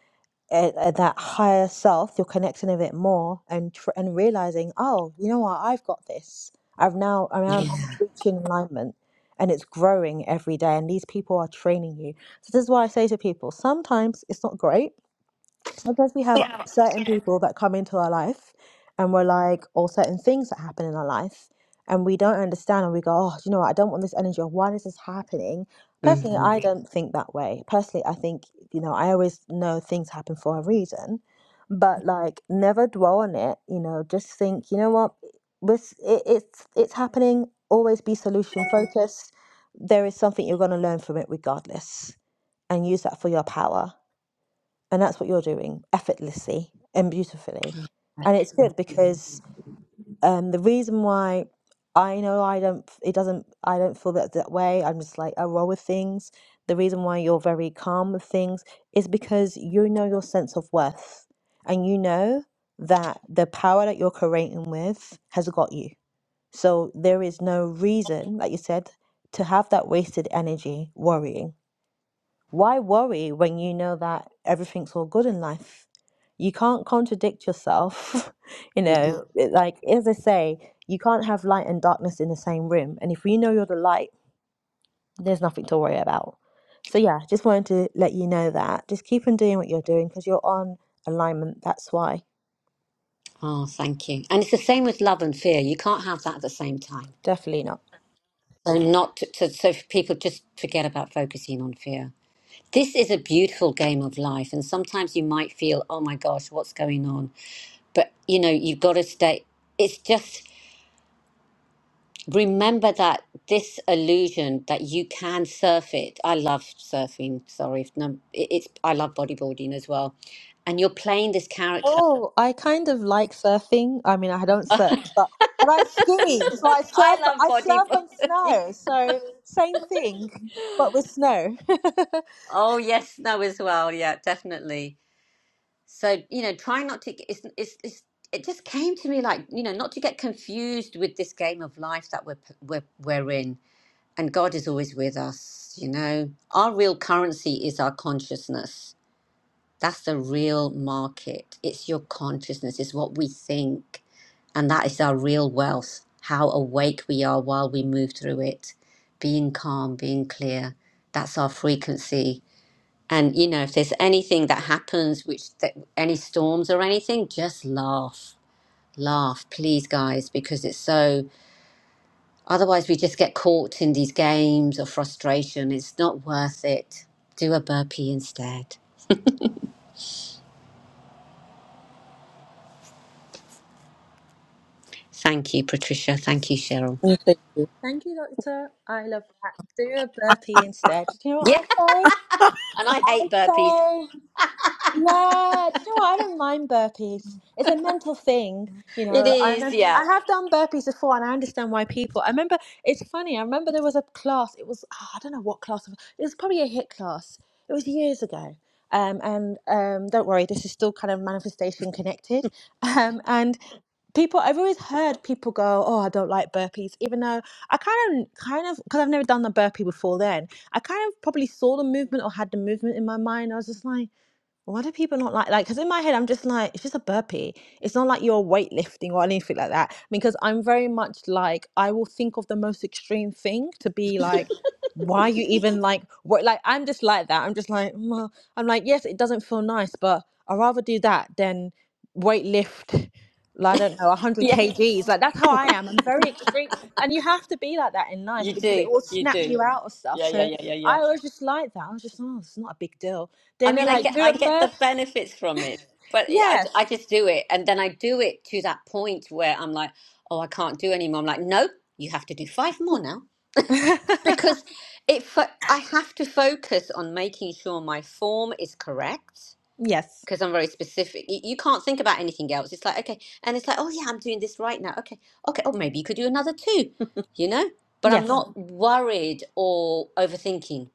Speaker 1: at, at that higher self, you're connecting a bit more and tr- and realizing, oh, you know what, I've got this. I've now I'm, I'm I'm reaching enlightenment, and it's growing every day. And these people are training you. So this is why I say to people: sometimes it's not great, Sometimes we have certain people that come into our life and we're like, or certain things that happen in our life, and we don't understand, and we go, oh, do you know what? I don't want this energy, or why is this happening? Personally,
Speaker 3: Mm-hmm.
Speaker 1: I Mhm. don't think that way. Personally, I think, you know, I always know things happen for a reason, but like, never dwell on it, you know, just think, you know what? This, it, it's, it's happening. Always be solution focused. There is something you're going to learn from it regardless, and use that for your power and that's what you're doing effortlessly and beautifully and it's good because um the reason why i know i don't it doesn't i don't feel that that way i'm just like i roll with things the reason why you're very calm with things is because you know your sense of worth and you know that the power that you're creating with has got you so there is no reason like you said to have that wasted energy worrying why worry when you know that everything's all good in life? You can't contradict yourself. You know, it, like, as I say, you can't have light and darkness in the same room. And if you know you're the light, there's nothing to worry about. So, yeah, just wanted to let you know that. Just keep on doing what you're doing because you're on alignment. That's why.
Speaker 3: Oh, thank you. And it's the same with love and fear. You can't have that at the same time.
Speaker 1: Definitely not.
Speaker 3: So not to, to, so people just forget about focusing on fear. This is a beautiful game of life, and sometimes you might feel, oh my gosh, what's going on? But you know, you've got to stay. It's just remember that this illusion that you can surf it. I love surfing. Sorry, if num- it- it's I love bodyboarding as well, and you're playing this character
Speaker 1: Oh, I kind of like surfing. I mean, I don't surf, but but I ski. So I
Speaker 3: I
Speaker 1: surf.
Speaker 3: love
Speaker 1: I
Speaker 3: body
Speaker 1: surf and
Speaker 3: positivity.
Speaker 1: snow. So same thing, but with snow.
Speaker 3: Oh yes, no, as well. Yeah, definitely. So you know, try not to. Get- It's, it's, it's, it just came to me like you know, not to get confused with this game of life that we're we're we're in. And God is always with us. You know, our real currency is our consciousness. That's the real market. It's your consciousness, it's what we think. And that is our real wealth, how awake we are while we move through it, being calm, being clear. That's our frequency. And, you know, if there's anything that happens, which that, any storms or anything, just laugh. Laugh, please, guys, because it's so. Otherwise, we just get caught in these games of frustration. It's not worth it. Do a burpee instead. Thank you, Patricia. Thank you, Cheryl.
Speaker 2: Oh, thank you.
Speaker 1: Thank you, doctor. I love that. Do a burpee instead. Do you know what
Speaker 3: Yeah.
Speaker 1: I say?
Speaker 3: And I
Speaker 1: I
Speaker 3: hate burpees.
Speaker 1: say. Yeah, do you know what? I don't mind burpees. It's a mental thing, you
Speaker 3: It
Speaker 1: know. I
Speaker 3: is,
Speaker 1: know,
Speaker 3: yeah.
Speaker 1: I have done burpees before, and I understand why people. I remember it's funny. I remember there was a class. It was ah, I don't know what class. It was probably a hit class. It was years ago. Um, and um, don't worry, this is still kind of manifestation connected. Um, and people I've always heard people go, "Oh, I don't like burpees," even though I kind of, kind of, because I've never done the burpee before. Then I kind of probably saw the movement or had the movement in my mind. I was just like. Why do people not like like? Because in my head, I'm just like, it's just a burpee. It's not like you're weightlifting or anything like that. Because I'm very much like, I will think of the most extreme thing to be like, why you even like what like i'm just like that i'm just like well i'm like yes it doesn't feel nice but i'd rather do that than weight lift like, i don't know 100
Speaker 3: Yeah.
Speaker 1: kgs like that's how i am i'm very extreme and you have to be like that in life
Speaker 3: You
Speaker 1: because
Speaker 3: do.
Speaker 1: it will
Speaker 3: You
Speaker 1: snap
Speaker 3: do.
Speaker 1: you out of stuff
Speaker 3: Yeah, yeah,
Speaker 1: so
Speaker 3: yeah, yeah, yeah.
Speaker 1: i was just like that i was just oh it's not a big deal
Speaker 3: I
Speaker 1: then they're
Speaker 3: mean, I
Speaker 1: like
Speaker 3: get
Speaker 1: do
Speaker 3: I
Speaker 1: a
Speaker 3: get the
Speaker 1: burp
Speaker 3: benefits from it, but it,
Speaker 1: yes
Speaker 3: I I just do it and then I do it to that point where I'm like, "Oh, I can't do anymore." I'm like, "No, you have to do five more now." Because it fo- I have to focus on making sure my form is correct
Speaker 1: yes
Speaker 3: because I'm very specific. You, you can't think about anything else. It's like, okay. And it's like, oh, yeah, I'm doing this right now. Okay. Okay. Or maybe you could do another two, you know? But I'm
Speaker 1: yes
Speaker 3: not worried or overthinking.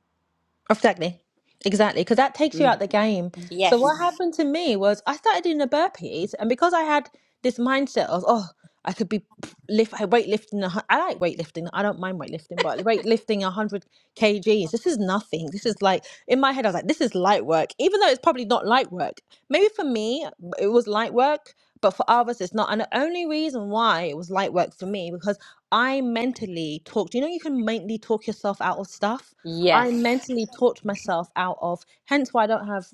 Speaker 1: Exactly. Exactly. Because that takes you
Speaker 2: Mhm.
Speaker 1: out the game. So what
Speaker 3: Yes.
Speaker 1: happened to me was I started doing the burpees, and because I had this mindset of, oh, I could be lift, I weightlifting. a hun- I like weightlifting. I don't mind weightlifting, but weightlifting 100 kgs. This is nothing. This is like in my head. I was like, this is light work, even though it's probably not light work. Maybe for me, it was light work, but for others, it's not. And the only reason why it was light work for me because I mentally talked. You know, you can mentally talk yourself out of stuff. I
Speaker 3: Yes.
Speaker 1: mentally talked myself out of. Hence, why I don't have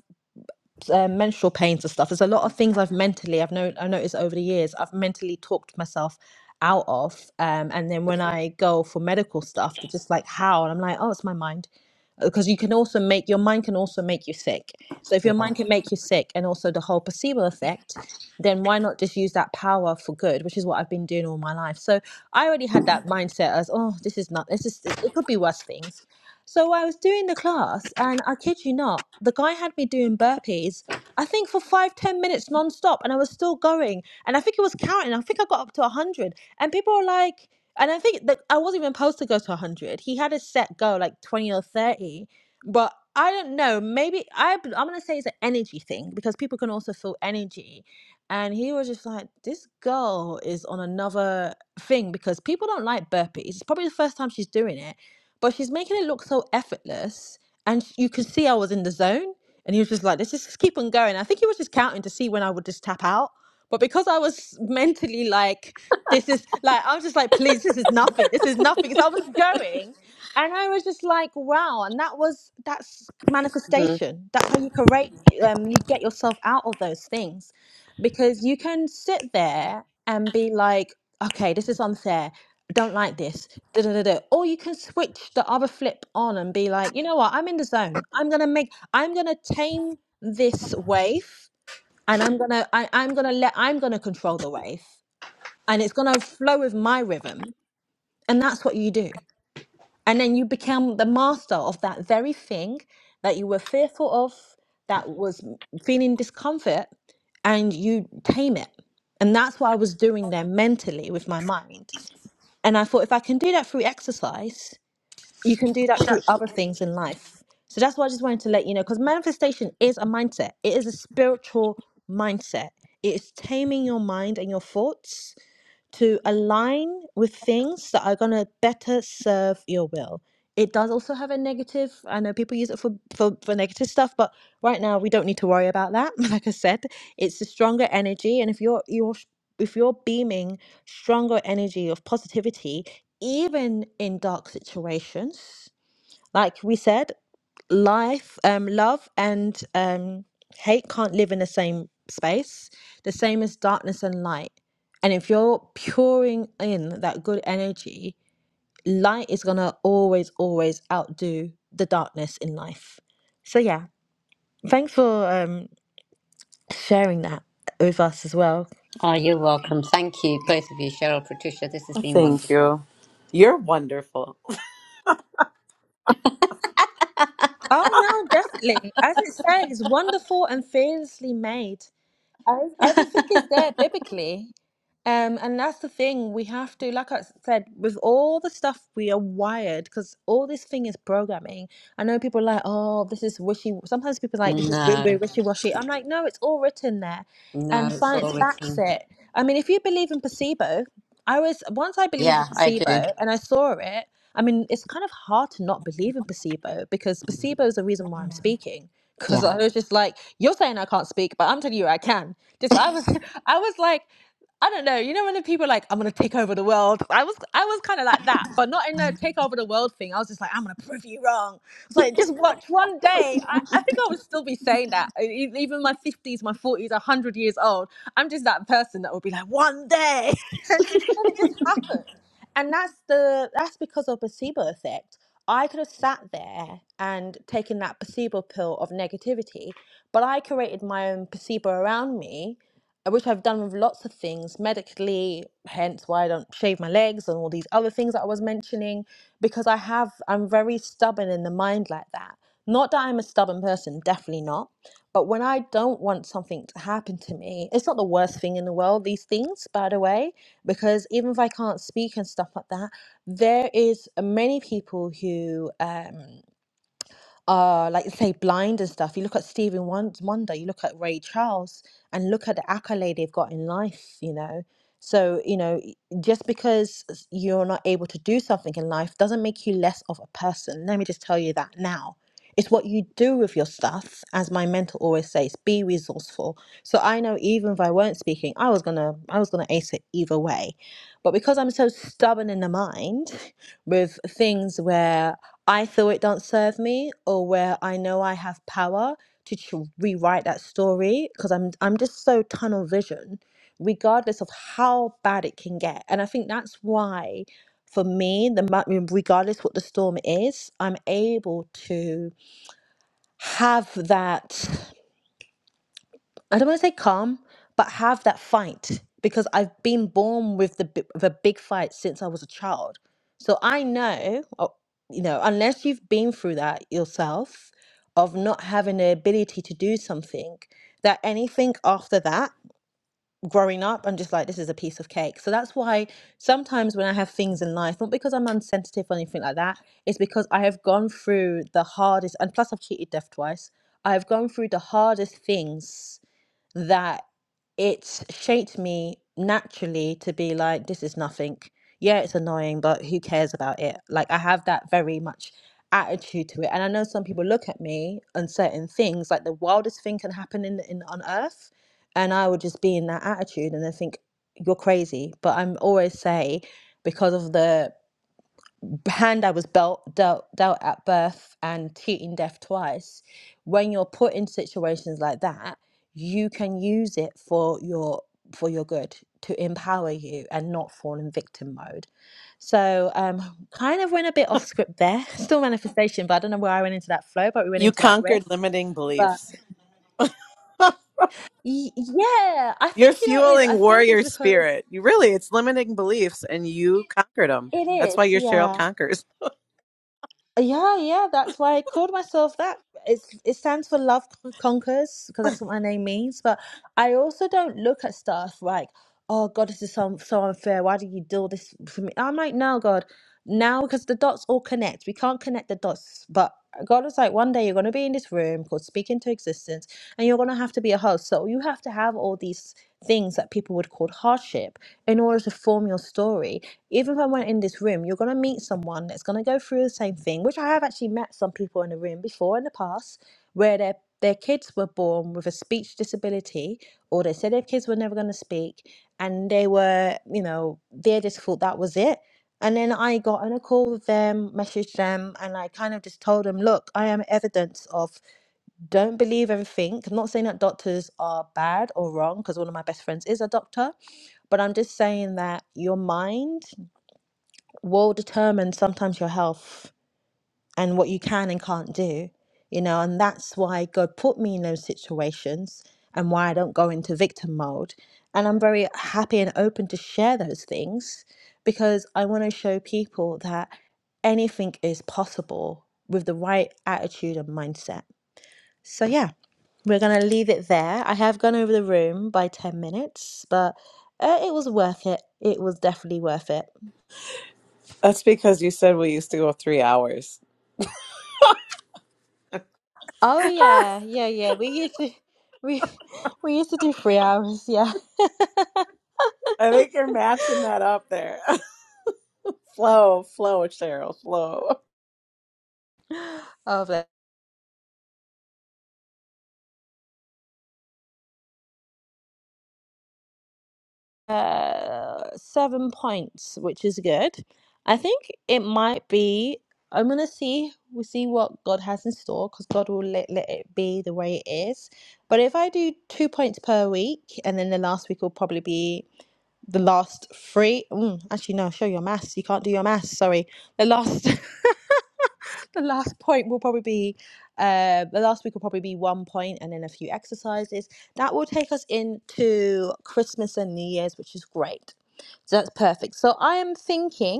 Speaker 1: uh, menstrual pains and stuff. There's a lot of things I've mentally I've known I noticed over the years. I've mentally talked myself out of, um, and then when I go for medical stuff, they're just like how, and I'm like, oh, it's my mind, because you can also make your mind can also make you sick. So if your mind can make you sick, and also the whole placebo effect. Then why not just use that power for good, which is what I've been doing all my life. So I already had that mindset as, oh, this is not, this is, it, it could be worse things so I was doing the class, and I kid you not, the guy had me doing burpees. I think for five, ten minutes non-stop, and I was still going. And I think it was counting. I think I got up to one hundred, and people were like, and I think that I wasn't even supposed to go to one hundred. He had a set goal, like twenty or thirty, but I don't know. Maybe I. i b- I'm gonna say it's an energy thing because people can also feel energy. And he was just like, this girl is on another thing because people don't like burpees. It's probably the first time she's doing it but she's making it look so effortless. And you could see I was in the zone. And he was just like, let's just keep on going. I think he was just counting to see when I would just tap out. But because I was mentally like, this is like, I was just like, please, this is nothing. This is nothing. So I was going. And I was just like, wow. And that was, that's
Speaker 2: Mhm.
Speaker 1: manifestation. That's how you correct, um, you get yourself out of those things. Because you can sit there and be like, okay, this is unfair don't like this. Da, da, da, da. Or you can switch the other flip on and be like, you know what? I'm in the zone. I'm gonna make. I'm gonna tame this wave, and I'm gonna. I, I'm gonna let. I'm gonna control the wave, and it's gonna flow with my rhythm. And that's what you do. And then you become the master of that very thing that you were fearful of, that was feeling discomfort, and you tame it. And that's what I was doing there mentally with my mind. And I thought, if I can do that through exercise, you can do that through other things in life. So that's why I just wanted to let you know because manifestation is a mindset, it is a spiritual mindset. It is taming your mind and your thoughts to align with things that are going to better serve your will. It does also have a negative. I know people use it for, for, for negative stuff, but right now we don't need to worry about that. Like I said, it's a stronger energy, and if you're you're if you're beaming stronger energy of positivity, even in dark situations, like we said, life, um, love and um, hate can't live in the same space, the same as darkness and light. And if you're pouring in that good energy, light is going to always, always outdo the darkness in life. So, yeah, thanks for um, sharing that with us as well.
Speaker 3: Oh, you're welcome. Thank you, both of you, Cheryl, Patricia. This has been
Speaker 2: Thank
Speaker 3: wonderful.
Speaker 2: you. You're wonderful.
Speaker 1: Oh, no, definitely. As it says, wonderful and fearlessly made. I, everything is there biblically. Um, and that's the thing we have to, like I said, with all the stuff we are wired, because all this thing is programming. I know people are like, oh, this is wishy. Sometimes people are like, this is wi-
Speaker 3: no,
Speaker 1: wi- wishy-washy. I'm like, no, it's all written there,
Speaker 3: no,
Speaker 1: and
Speaker 3: it's
Speaker 1: science
Speaker 3: all
Speaker 1: backs
Speaker 3: written.
Speaker 1: it. I mean, if you believe in placebo, I was once I believed
Speaker 3: Yeah,
Speaker 1: in
Speaker 3: I do.
Speaker 1: placebo, and I saw it. I mean, it's kind of hard to not believe in placebo because placebo is the reason why I'm speaking.
Speaker 3: Yeah.
Speaker 1: Cause I was just like, you're saying I can't speak, but I'm telling you I can. Just I was I was like, I don't know, you know when the people are like, I'm gonna take over the world. I was I was kinda like that, but not in a take over the world thing. I was just like, I'm gonna prove you wrong. I was like, just watch one day. I, I think I would still be saying that. E- e- Even my fifties, my forties, a hundred years old. I'm just that person that would be like, one day and then it just happened and that's the that's because of placebo effect i could have sat there and taken that placebo pill of negativity but i created my own placebo around me uh, which i've done with lots of things medically hence why i don't shave my legs and all these other things that i was mentioning because i have i'm very stubborn in the mind like that not that i'm a stubborn person definitely not but when i don't want something to happen to me it's not the worst thing in the world these things by the way because even if I can't speak and stuff like that, there is many people who. Um, uh like say blind and stuff you look at Stevie Won- Wonder you look at Ray Charles and look at the accolade they've got in life you know so you know y- just because s- you're not able to do something in life doesn't make you less of a person let me just tell you that now it's what you do with your stuff as my mentor always says be resourceful so I know even if I weren't speaking I was gonna I was gonna ace it either way but because I'm so stubborn in the mind with things where I feel it don't serve me or where I know I have power to ch- rewrite that story because I'm I'm just so tunnel vision regardless of how bad it can get and I think that's why for me the mu- regardless what the storm is I'm able to have that I don't want to say calm, but have that fight because I've been born with the bi- with a big fight since I was a child. So I know, uh, you know, unless you've been through that yourself, of not having the ability to do something, that anything after that, growing up, I'm just like, this is a piece of cake. So that's why sometimes when I have things in life, not because I'm unsensitive or anything like that, it's because I have gone through the hardest, and plus I've cheated death twice. I have gone through the hardest things that it's shaped me naturally to be like, this is nothing. Yeah, it's annoying, but who cares about it? Like, I have that very much attitude to it. And I know some people look at me on certain things, like the wildest thing can happen in, in on earth. And I would just be in that attitude and they think, you're crazy. But I'm always say, because of the hand I was belt, dealt, dealt at birth and treating death twice, when you're put in situations like that, you can use it for your for your good to empower you and not fall in victim mode. So um kind of went a bit off script there. Still manifestation, but I don't know where I went into that flow, but we went
Speaker 2: You
Speaker 1: into that
Speaker 2: conquered
Speaker 1: riff.
Speaker 2: limiting
Speaker 1: But
Speaker 2: beliefs.
Speaker 1: y- yeah, I
Speaker 2: You're
Speaker 1: think you know it is. I
Speaker 2: fueling
Speaker 1: think it's
Speaker 2: warrior
Speaker 1: because
Speaker 2: spirit. You really, it's limiting beliefs, and you conquered them.
Speaker 1: it
Speaker 2: That's why
Speaker 1: is.
Speaker 2: you're Cheryl
Speaker 1: Yeah.
Speaker 2: conquers.
Speaker 1: Yeah, yeah, that's why I called myself that. It's it stands for love Con- conquers because that's what my name means. But I also don't look at stuff like, oh God, this is so so unfair. Why do you do this for me? I'm like, no, God, now because the dots all connect. We can't connect the dots, but God was like, one day you're gonna be in this room called Speak into Existence, and you're gonna have to be a host. So you have to have all these things that people would call hardship in order to form your story even if I went in this room, you're gonna meet someone that's gonna go through the same thing, which I have actually met some people in the room before in the past where their their kids were born with a speech disability, or they said their kids were never gonna speak, and they were, you know, they just thought that was it. And then I got on a call with them, messaged them, and I kind of just told them, look, I am evidence of don't believe everything. I'm not saying that doctors are bad or wrong, because one of my best friends is a doctor, but I'm just saying that your mind will determine sometimes your health and what you can and can't do, you know, and that's why God put me in those situations and why I don't go into victim mode. And I'm very happy and open to share those things because I want to show people that anything is possible with the right attitude and mindset. So, yeah, we're going to leave it there. I have gone over the room by 10 minutes, but uh, it was worth it. It was definitely worth it.
Speaker 2: That's because you said we used to go three hours.
Speaker 1: Oh yeah, yeah, yeah. We used to we we used to do three hours, yeah.
Speaker 2: I think you're matching that up there. flow, flow, Cheryl, flow.
Speaker 1: Of it. Uh seven points, which is good. I think it might be I'm gonna see we see what God has in store because God will let, let it be the way it is. But if I do two points per week and then the last week will probably be the last three mm, actually no, show your maths. You can't do your maths, sorry. The last the last point will probably be uh, the last week will probably be one point and then a few exercises. That will take us into Christmas and New Year's, which is great. So that's perfect. So I am thinking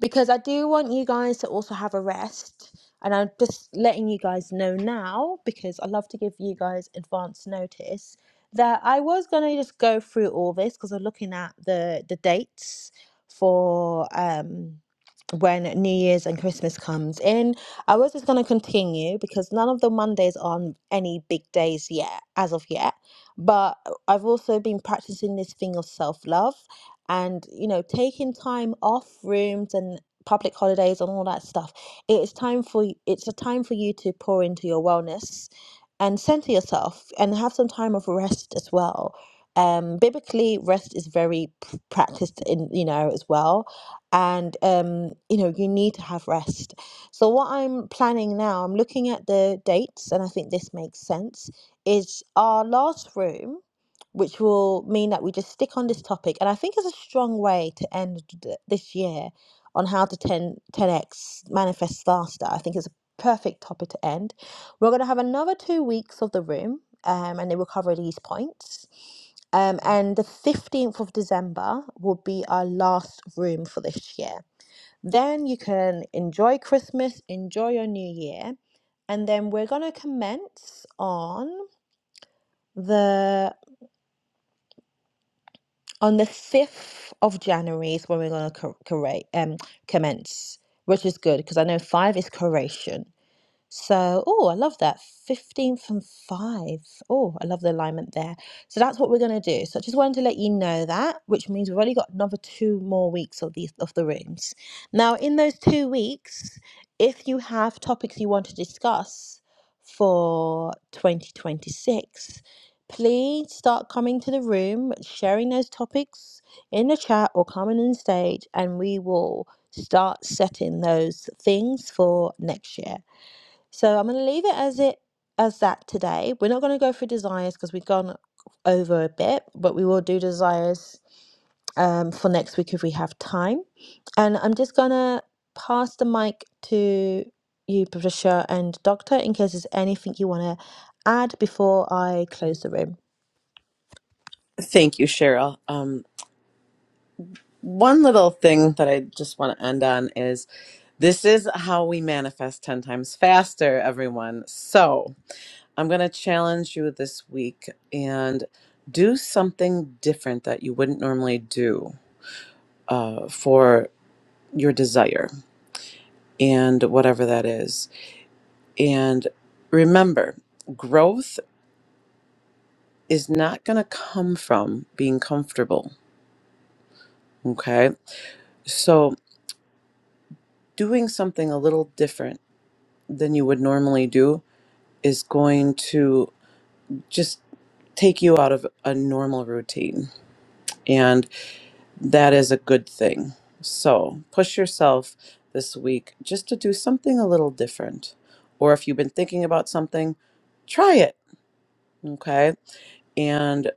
Speaker 1: because I do want you guys to also have a rest. And I'm just letting you guys know now because I love to give you guys advance notice that I was gonna just go through all this because I'm looking at the the dates for um when New Year's and Christmas comes in. I was just gonna continue because none of the Mondays are any big days yet as of yet. But I've also been practicing this thing of self love and you know taking time off rooms and public holidays and all that stuff it is time for y- it's a time for you to pour into your wellness and center yourself and have some time of rest as well um biblically rest is very p- practiced in you know as well and um you know you need to have rest so what i'm planning now i'm looking at the dates and i think this makes sense is our last room which will mean that we just stick on this topic. And I think it's a strong way to end th- this year on how to ten ten x manifest faster. I think it's a perfect topic to end. We're going to have another two weeks of the room, um, and they will cover these points. Um, and the 15th of December will be our last room for this year. Then you can enjoy Christmas, enjoy your new year. And then we're going to commence on the on the 5th of January is when we're going to cor- correct, um, commence, which is good because I know 5 is Croatian. So, oh, I love that. 15 from 5. Oh, I love the alignment there. So that's what we're going to do. So I just wanted to let you know that, which means we've only got another two more weeks of these of the rooms. Now, in those two weeks, if you have topics you want to discuss for 2026, please start coming to the room, sharing those topics in the chat or coming on stage, and we will start setting those things for next year. So I'm going to leave it as it as that today. We're not going to go through desires because we've gone over a bit, but we will do desires um, for next week if we have time. And I'm just going to pass the mic to you, Patricia and Doctor, in case there's anything you want to add before I close the room.
Speaker 2: Thank you, Cheryl. Um. One little thing that I just want to end on is this is how we manifest 10 times faster, everyone. So I'm going to challenge you this week and do something different that you wouldn't normally do uh, for your desire and whatever that is. And remember, growth is not going to come from being comfortable. Okay. So doing something a little different than you would normally do is going to just take you out of a normal routine. And that is a good thing. So push yourself this week just to do something a little different. Or if you've been thinking about something, try it. Okay. And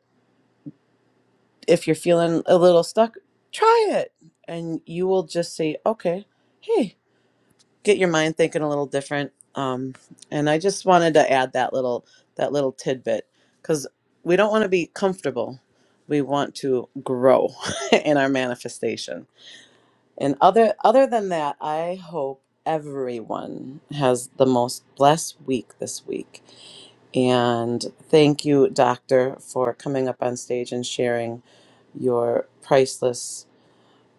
Speaker 2: if you're feeling a little stuck, try it. And you will just say, okay, hey, get your mind thinking a little different. Um, and I just wanted to add that little that little tidbit because we don't want to be comfortable. We want to grow in our manifestation. And other other than that, I hope everyone has the most blessed week this week. And thank you, Doctor, for coming up on stage and sharing your priceless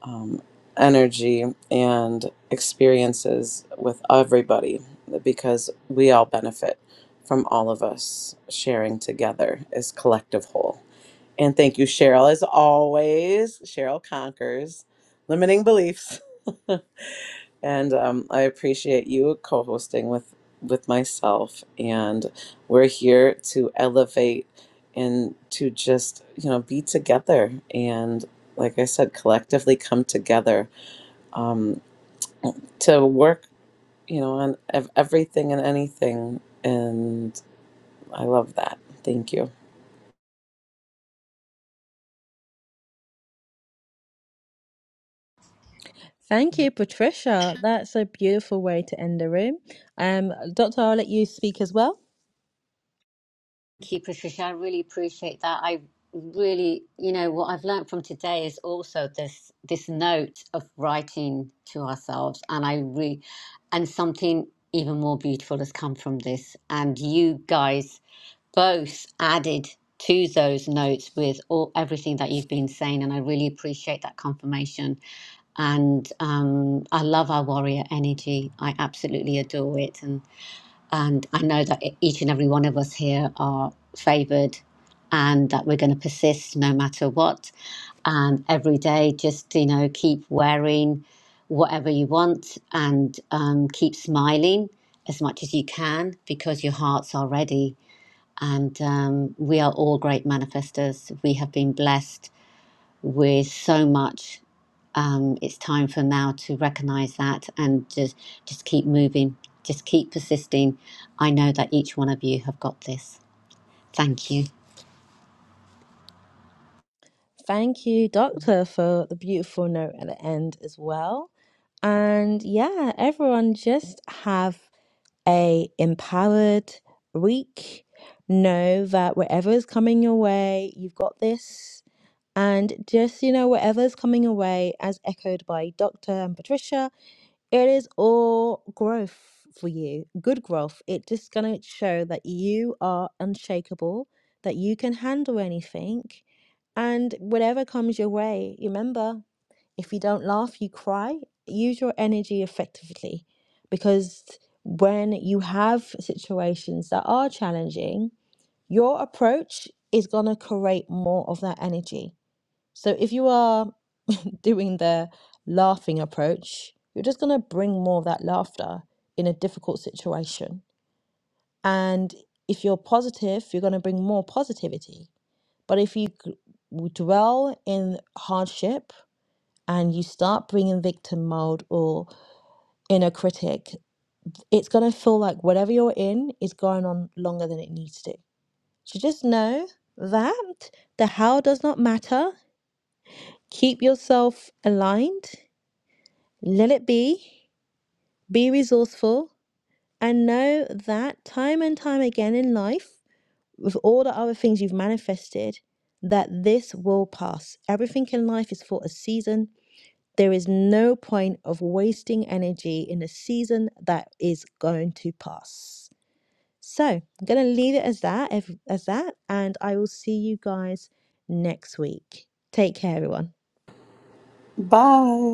Speaker 2: um, energy and experiences with everybody because we all benefit from all of us sharing together as collective whole. And thank you, Cheryl, as always. Cheryl conquers limiting beliefs. And um, I appreciate you co-hosting with with myself. And we're here to elevate and to just you know be together and like I said, collectively come together um, to work you know on ev- everything and anything. And I love that. Thank you.
Speaker 1: Thank you, Patricia. That's a beautiful way to end the room. Um, Doctor, I'll let you speak as well.
Speaker 3: Thank you, Patricia. I really appreciate that. I really, you know, what I've learned from today is also this this note of writing to ourselves, and I re, and something even more beautiful has come from this. And you guys both added to those notes with all everything that you've been saying, and I really appreciate that confirmation. And um, I love our warrior energy. I absolutely adore it, And. And I know that e-, each and every one of us here are favoured and that we're going to persist no matter what. And every day, just, you know, keep wearing whatever you want and um, keep smiling as much as you can because your hearts are ready. And um, we are all great manifestors. We have been blessed with so much um, it's time for now to recognize that and just just keep moving just keep persisting i know that each one of you have got this thank you
Speaker 1: Thank you, Doctor, for the beautiful note at the end as well. And yeah, everyone just have a empowered week. Know that whatever is coming your way, you've got this. And just, you know, whatever is coming your way, as echoed by Dr. and Patricia, it is all growth for you, good growth. It's just going to show that you are unshakable, that you can handle anything. And whatever comes your way, remember if you don't laugh, you cry. Use your energy effectively because when you have situations that are challenging, your approach is going to create more of that energy. So if you are doing the laughing approach, you're just going to bring more of that laughter in a difficult situation. And if you're positive, you're going to bring more positivity. But if you g- dwell in hardship, and you start bringing victim mode or inner critic, it's going to feel like whatever you're in is going on longer than it needs to. So just know that the how does not matter. Keep yourself aligned, let it be, be resourceful, and know that time and time again in life, with all the other things you've manifested, that this will pass. Everything in life is for a season There is no point of wasting energy in a season that is going to pass. So I'm going to leave it as that, as that, and I will see you guys next week. Take care, everyone.
Speaker 2: Bye.